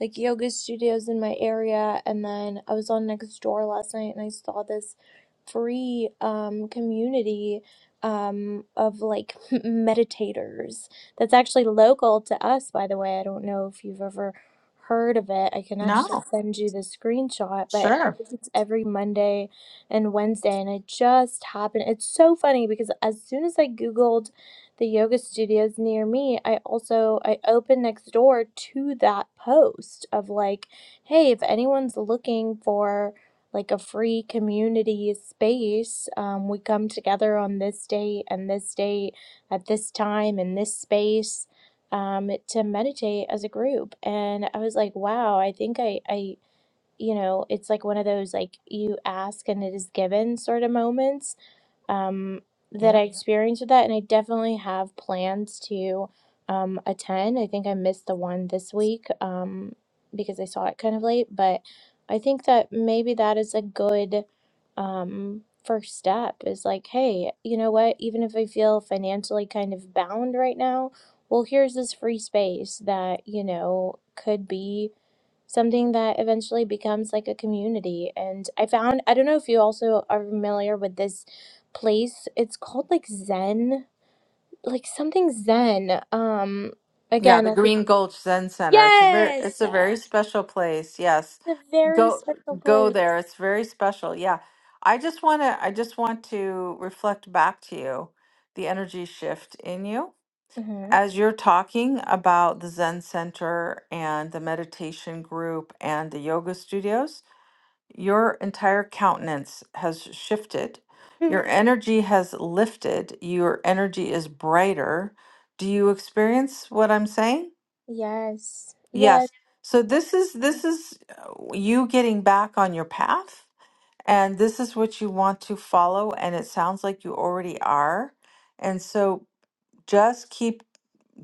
like yoga studios in my area, and then I was on Nextdoor last night and I saw this free um community um of like meditators that's actually local to us, by the way. I don't know if you've ever heard of it. I can actually
No.
send you the screenshot, but I
Sure.
think it's every Monday and Wednesday, and it just happened. It's so funny because as soon as I Googled the yoga studios near me i also i open next door to that post of like hey if anyone's looking for like a free community space um, we come together on this date and this date at this time in this space um, to meditate as a group and i was like wow i think i i you know it's like one of those like you ask and it is given sort of moments um, that
Yeah,
I experienced with that. And I definitely have plans to um, attend. I think I missed the one this week um, because I saw it kind of late, but I think that maybe that is a good um, first step is like, hey, you know what? Even if I feel financially kind of bound right now, well, here's this free space that, you know, could be something that eventually becomes like a community. And I found, I don't know if you also are familiar with this place. It's called like Zen, like something Zen. Um,
Yeah,
again,
the
I could,
Green Gulch Zen Center. It's a very it's
yes,
a
it's
very special place. Yes.
a very
Go
special
go
place.
there. It's very special. Yeah. I just want to I just want to reflect back to you the energy shift in you
hmm
As you're talking about the Zen Center and the meditation group and the yoga studios, your entire countenance has shifted. Your energy has lifted. Your energy is brighter. Do you experience what I'm saying?
yes, yes,
Yes. So this is this is uh, you getting back on your path and this is what you want to follow and it sounds like you already are. And so just keep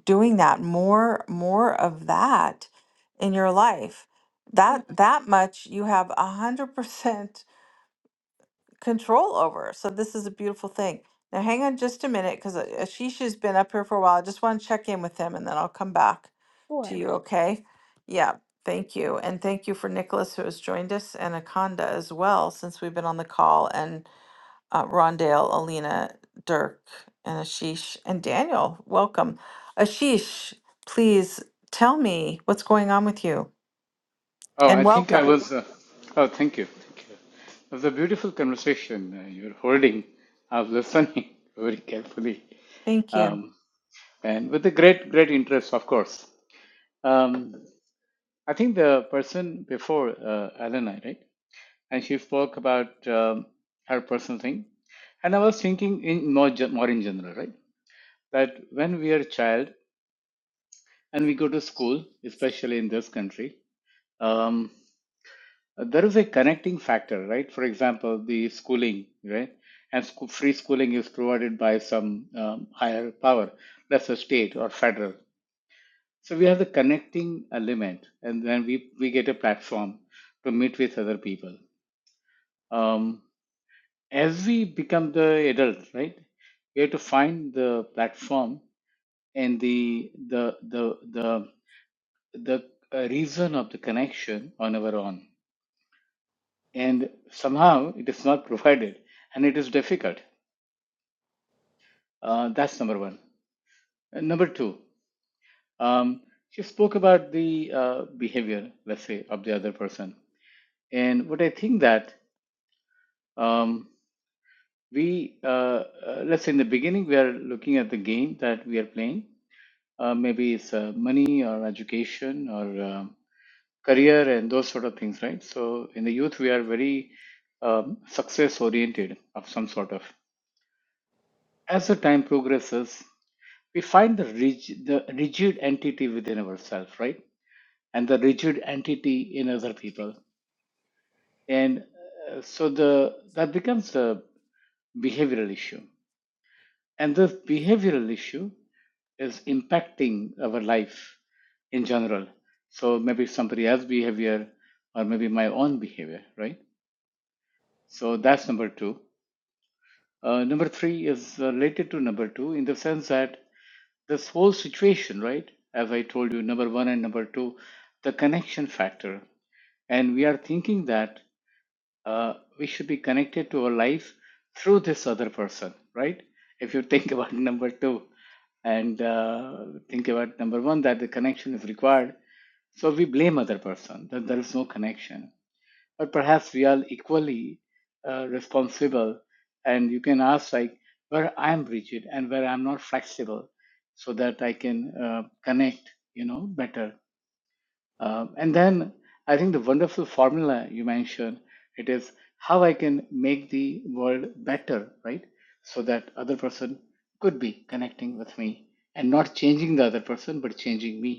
doing that more more of that in your life
yeah,
that that much you have a hundred percent control over so this is a beautiful thing now hang on just a minute because
sure.
ashish has been up here for a while i just want to check in with him and then i'll come back to
sure.
you okay yeah thank you and thank you for nicholas who has joined us and akanda as well since we've been on the call and uh, Rondale, Alina, Dirk, and Ashish, and Daniel. Welcome. Ashish, please tell me what's going on with you
Oh,
and
I think I
welcome.
was. Uh, oh, thank you. Thank you. It was a beautiful conversation uh, you're holding. I was listening very carefully
Thank you.
um, and with a great, great interest, of course. Um, I think the person before uh, Alan, I right? And she spoke about um, her personal thing. And I was thinking in more, ge- more in general, right? That when we are a child and we go to school, especially in this country, um, Uh, there is a connecting factor, right? For example, the schooling, right? And scho- free schooling is provided by some um, higher power, that's a state or federal. So we have the connecting element, and then we, we get a platform to meet with other people. Um, as we become the adult, right? We have to find the platform and the the the the the uh, reason of the connection on our own and somehow it is not provided and it is difficult. Uh, that's number one. And number two, um, she spoke about the uh, behavior, let's say, of the other person. And what I think that um, we, uh, uh, let's say in the beginning, we are looking at the game that we are playing. Uh, maybe it's uh, money or education or um career and those sort of things, right? So in the youth, we are very um, success oriented of some sort of. As the time progresses, we find the rigid, the rigid entity within ourselves, right? And the rigid entity in other people. And uh, so the that becomes a behavioral issue. And this behavioral issue is impacting our life in general. So maybe somebody else's behavior or maybe my own behavior, right? So that's number two. Uh, number three is related to number two in the sense that this whole situation, right? As I told you, number one and number two, the connection factor. And we are thinking that uh, we should be connected to our life through this other person, right? If you think about number two and uh, think about number one, that the connection is required. So we blame other person that there is no connection or perhaps we are equally uh, responsible and you can ask like where i'm rigid and where i'm not flexible so that i can uh, connect you know better Um, and then i think the wonderful formula you mentioned it is how i can make the world better right so that other person could be connecting with me and not changing the other person but changing me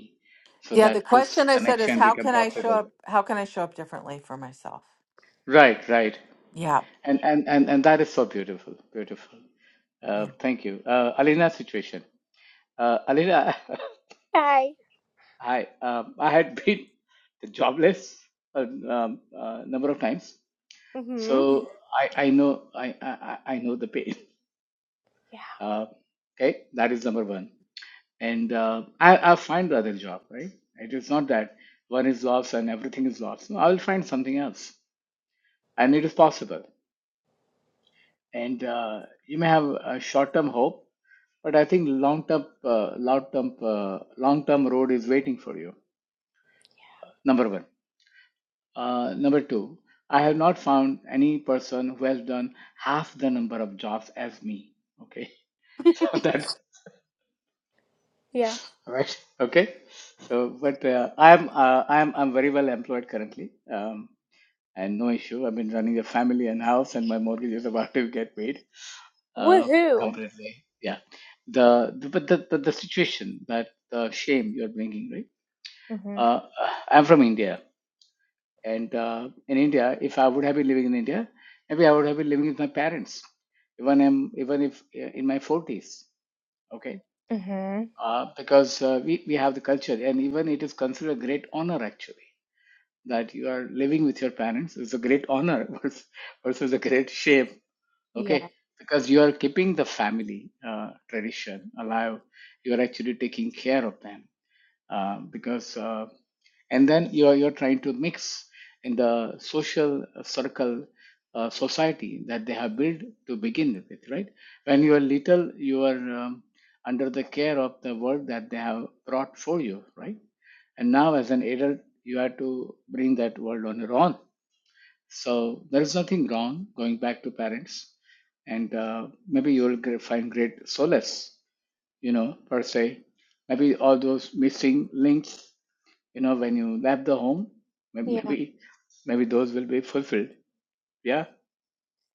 so
Yeah, the
that this
question I said is
connection
how
become
can I show
possible
up how can I show up differently for myself?
right right
Yeah.
and and and, and that is so beautiful beautiful uh,
Yeah.
thank you uh, alina situation uh, alina
Hi.
hi um, i had been jobless a um, uh, number of times so
Mhm.
i i know i i, I I know the pain
Yeah.
uh, okay that is number one and uh, I, i'll find the other job right it is not that one is lost and everything is lost no, i'll find something else and it is possible and uh, you may have a short-term hope But I think long term, uh, long term, uh, long term road is waiting for you. Number one. Uh, number two, I have not found any person who has done half the number of jobs as me. Okay, so that
Yeah.
right. Okay, so but uh, I'm uh, I'm I'm very well employed currently, um, and no issue. I've been running a family and house, and my mortgage is about to get paid. Uh,
Woohoo.
completely, yeah. The, the but the, the the situation that the shame you're bringing, right?
Mhm.
uh, I'm from India, and uh, in India, if I would have been living in India, maybe I would have been living with my parents, even I'm, even if uh, in my forties. Okay,
Mhm.
uh, because uh, we we have the culture, and even it is considered a great honor actually that you are living with your parents. It's a great honor versus, versus a great shame. Okay,
Yeah.
because you are keeping the family uh, tradition alive. You are actually taking care of them uh, because uh, and then you're you're trying to mix in the social circle uh, society that they have built to begin with right when you are little you are um, under the care of the work that they have brought for you right and now as an adult you have to bring that world on your own so there is nothing wrong going back to parents and uh, maybe you will gr- find great solace you know per se maybe all those missing links you know when you left the home may-
Yeah.
maybe maybe those will be fulfilled yeah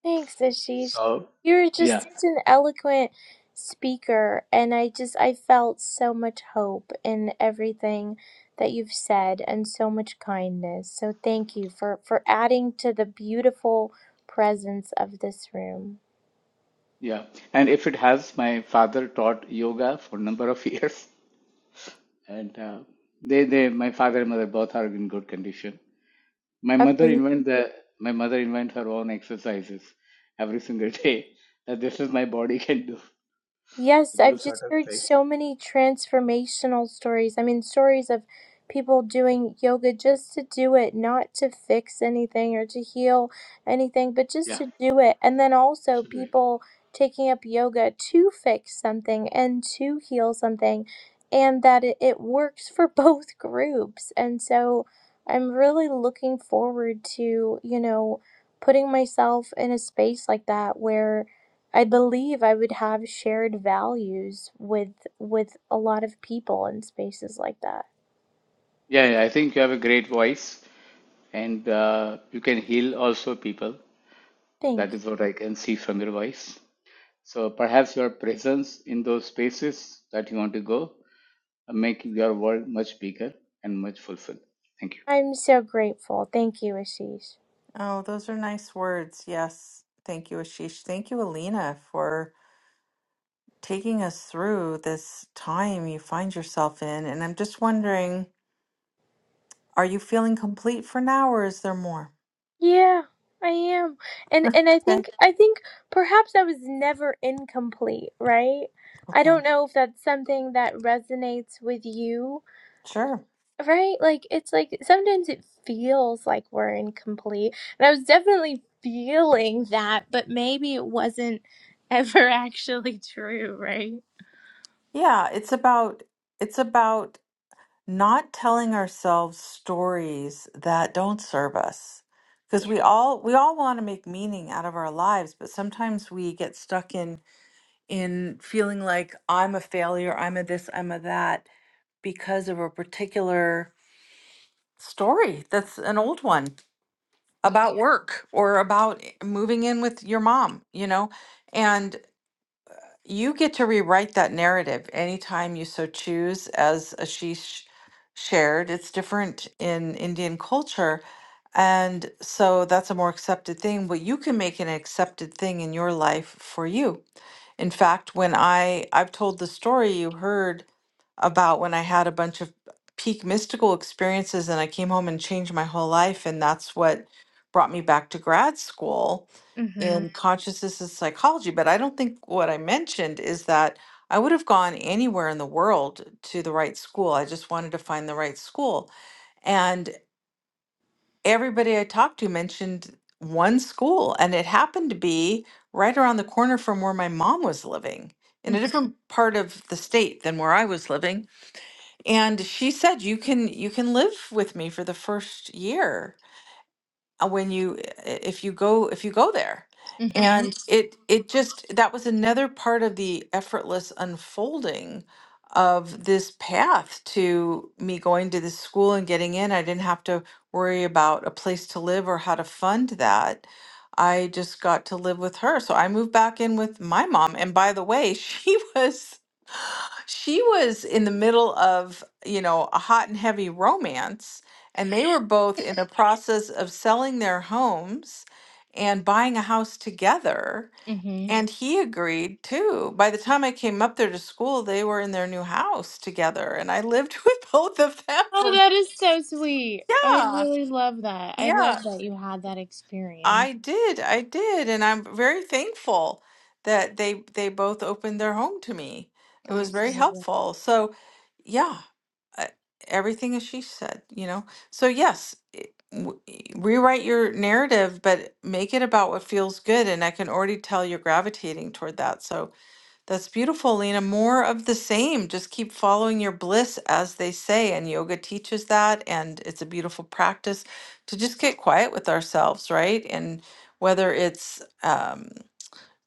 Thanks, Ashish.
so
You're just
yeah
such an eloquent speaker, and I just I felt so much hope in everything that you've said and so much kindness. So thank you for for adding to the beautiful presence of this room.
yeah and if it has my father taught yoga for a number of years and uh, they they my father and mother both are in good condition my mother invent the my mother invent her own exercises every single day that this is my body can do
Yes, I've
those sort
just
of
heard
things
so many transformational stories. I mean, stories of people doing yoga just to do it, not to fix anything or to heal anything, but just
yeah
to do it. And then
I
also
should do it
people taking up yoga to fix something and to heal something, and that it, it works for both groups. And so I'm really looking forward to, you know, putting myself in a space like that where. I believe I would have shared values with with a lot of people in spaces like that.
yeah, yeah i think you have a great voice and uh, you can heal also people
Thank
That is what I can see from your voice. So perhaps your presence in those spaces that you want to go uh, make your world much bigger and much fulfilled. Thank you.
you. I'm so grateful. Thank you, Ashish.
Oh, those are nice words. Yes. Thank you, Ashish. Thank you, Alina, for taking us through this time you find yourself in. And I'm just wondering, are you feeling complete for now or is there more?
Yeah, I am. And and I
Okay.
think I think perhaps I was never incomplete, right?
Okay.
I don't know if that's something that resonates with you
Sure.
Right? Like it's like sometimes it feels like we're incomplete. And I was definitely feeling that, but maybe it wasn't ever actually true, right?
Yeah, it's about it's about not telling ourselves stories that don't serve us. Because
Yeah.
we all we all want to make meaning out of our lives, but sometimes we get stuck in in feeling like I'm a failure, I'm a this, I'm a that because of a particular story that's an old one
Yeah.
about Yeah. work or about moving in with your mom, you know? You get to rewrite that narrative anytime you so choose, as Ashish shared. It's different in Indian culture. And so that's a more accepted thing, but you can make an accepted thing in your life for you. In fact, when I I've told the story you heard about when I had a bunch of peak mystical experiences and I came home and changed my whole life and that's what brought me back to grad school
Mhm.
in consciousness and psychology, but I don't think what I mentioned is that I would have gone anywhere in the world to the right school. I just wanted to find the right school. And everybody I talked to mentioned one school, and it happened to be right around the corner from where my mom was living in a
Mhm.
different part of the state than where I was living. And she said, "You can you can live with me for the first year." uh, when you uh, if you go if you go there
Mhm.
and it it just that was another part of the effortless unfolding of this path to me going to this school and getting in i didn't have to worry about a place to live or how to fund that i just got to live with her so i moved back in with my mom and by the way she was she was in the middle of you know a hot and heavy romance and they were both in the process of selling their homes and buying a house together
Mhm.
and he agreed too by the time i came up there to school they were in their new house together and i lived with both of them
Oh,
for
that is so sweet. I
yeah
really love that. I
yeah
love that you had that experience.
i did i did and i'm very thankful that they they both opened their home to me it was very
Absolutely.
helpful so yeah uh, everything as she said, you know? So, yes, it, w- e, rewrite your narrative, but make it about what feels good. And I can already tell you're gravitating toward that. So, that's beautiful, Lena. More of the same. Just keep following your bliss, as they say. And yoga teaches that. And it's a beautiful practice to just get quiet with ourselves, right? And whether it's, um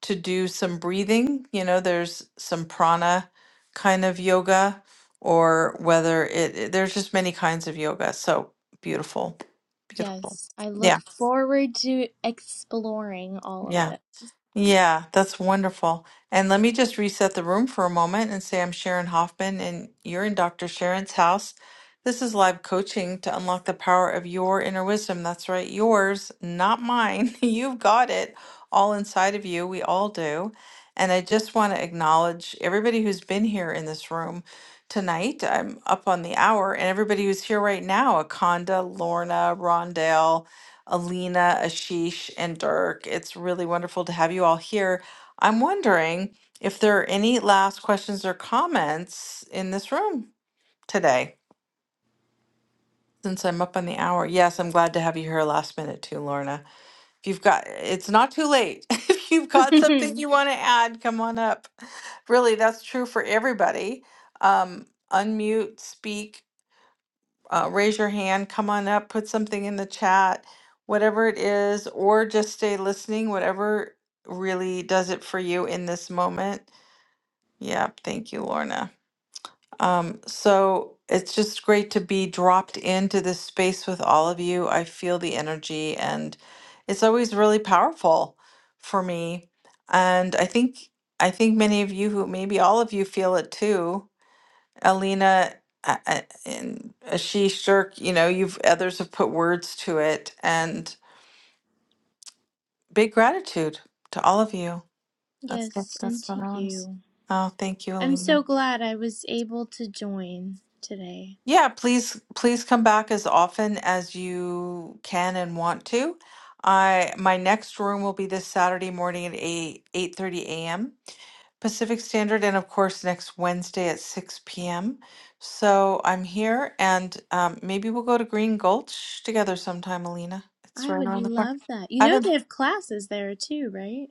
to do some breathing. You know, there's some prana kind of yoga, or whether it, it- there's just many kinds of yoga. So beautiful, beautiful.
Yes. I
Yeah,
look forward to exploring all
yeah.
of that.
Yeah, that's wonderful. And let me just reset the room for a moment and say I'm Sharon Hoffman, and you're in Dr. Sharon's house. This is live coaching to unlock the power of your inner wisdom. That's right, yours, not mine. You've got it all inside of you. We all do. And I just want to acknowledge everybody who's been here in this room tonight. I'm up on the hour, and everybody who's here right now Akonda, Lorna, Rondell, Alina, Ashish, and Dirk. It's really wonderful to have you all here. I'm wondering if there are any last questions or comments in this room today, since I'm up on the hour. Yes, I'm glad to have you here last minute too, Lorna. If you've got, it's not too late. if you've got something you want to add, come on up. Really, that's true for everybody. Um, unmute, speak, uh, raise your hand, come on up, put something in the chat, whatever it is, or just stay listening, whatever really does it for you in this moment. Yeah, thank you, Lorna. Um, so it's just great to be dropped into this space with all of you. I feel the energy, and it's always really powerful for me. And I think I think many of you who maybe all of you feel it too Alina uh, uh, and Ashish Shirk, you know, you've others have put words to it, and big gratitude to all of you. That's
yes,
that's that's
and
what
to
I want to say.
you.
Oh, thank you,
I'm
Alina.
so glad I was able to join today.
Yeah, please please come back as often as you can and want to. I my next room will be this Saturday morning at 8 8:30 a.m. Pacific Standard and of course next Wednesday at 6 p.m. So I'm here and um, maybe we'll go to Green Gulch together sometime, Alina. It's
I
right
would
around the corner.
love that.
I
You know
haven't
they have classes there too, right?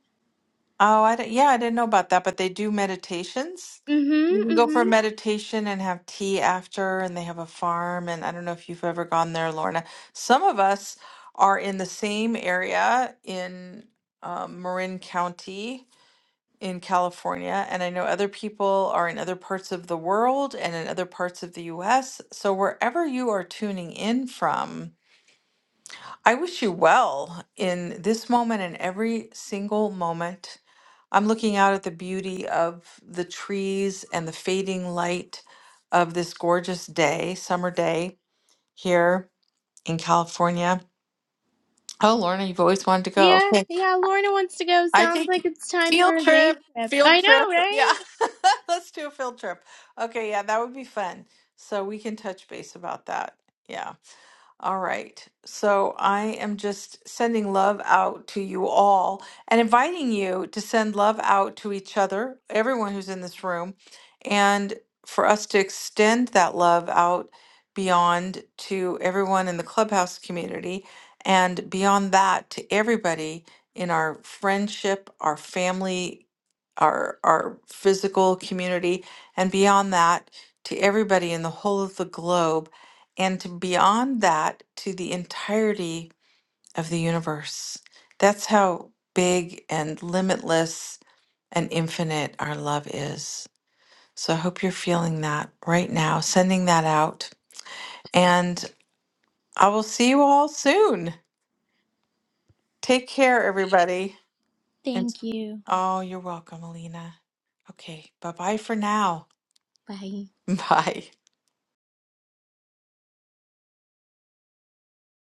Oh, I don't, yeah, I didn't know about that, but they do meditations. You
Mm-hmm.
can go for a
Mm-hmm.
meditation and have tea after, and they have a farm. And I don't know if you've ever gone there, Lorna. Some of us are in the same area in um, Marin County in California, and I know other people are in other parts of the world and in other parts of the US. So wherever you are tuning in from, I wish you well in this moment and every single moment. I'm looking out at the beauty of the trees and the fading light of this gorgeous day, summer day here in California. Oh, Lorna, you've always wanted to go.
Yeah,
Okay.
yeah, Lorna wants to go.
I
Sounds
think
like it's time for
field
a day
trip,
trip.
field
I
trip.
know,
Yeah,
right?
let's do a field trip. Okay, yeah, that would be fun. So we can touch base about that. Yeah. All right. So I am just sending love out to you all and inviting you to send love out to each other, everyone who's in this room, and for us to extend that love out beyond to everyone in the clubhouse community and beyond that to everybody in our friendship, our family, our our physical community, and beyond that to everybody in the whole of the globe and to beyond that to the entirety of the universe. That's how big and limitless and infinite our love is. So I hope you're feeling that right now, sending that out. And I will see you all soon. Take care, everybody. And
Thank you.
oh, you're welcome, Alina. Okay, bye bye for now.
Bye.
Bye.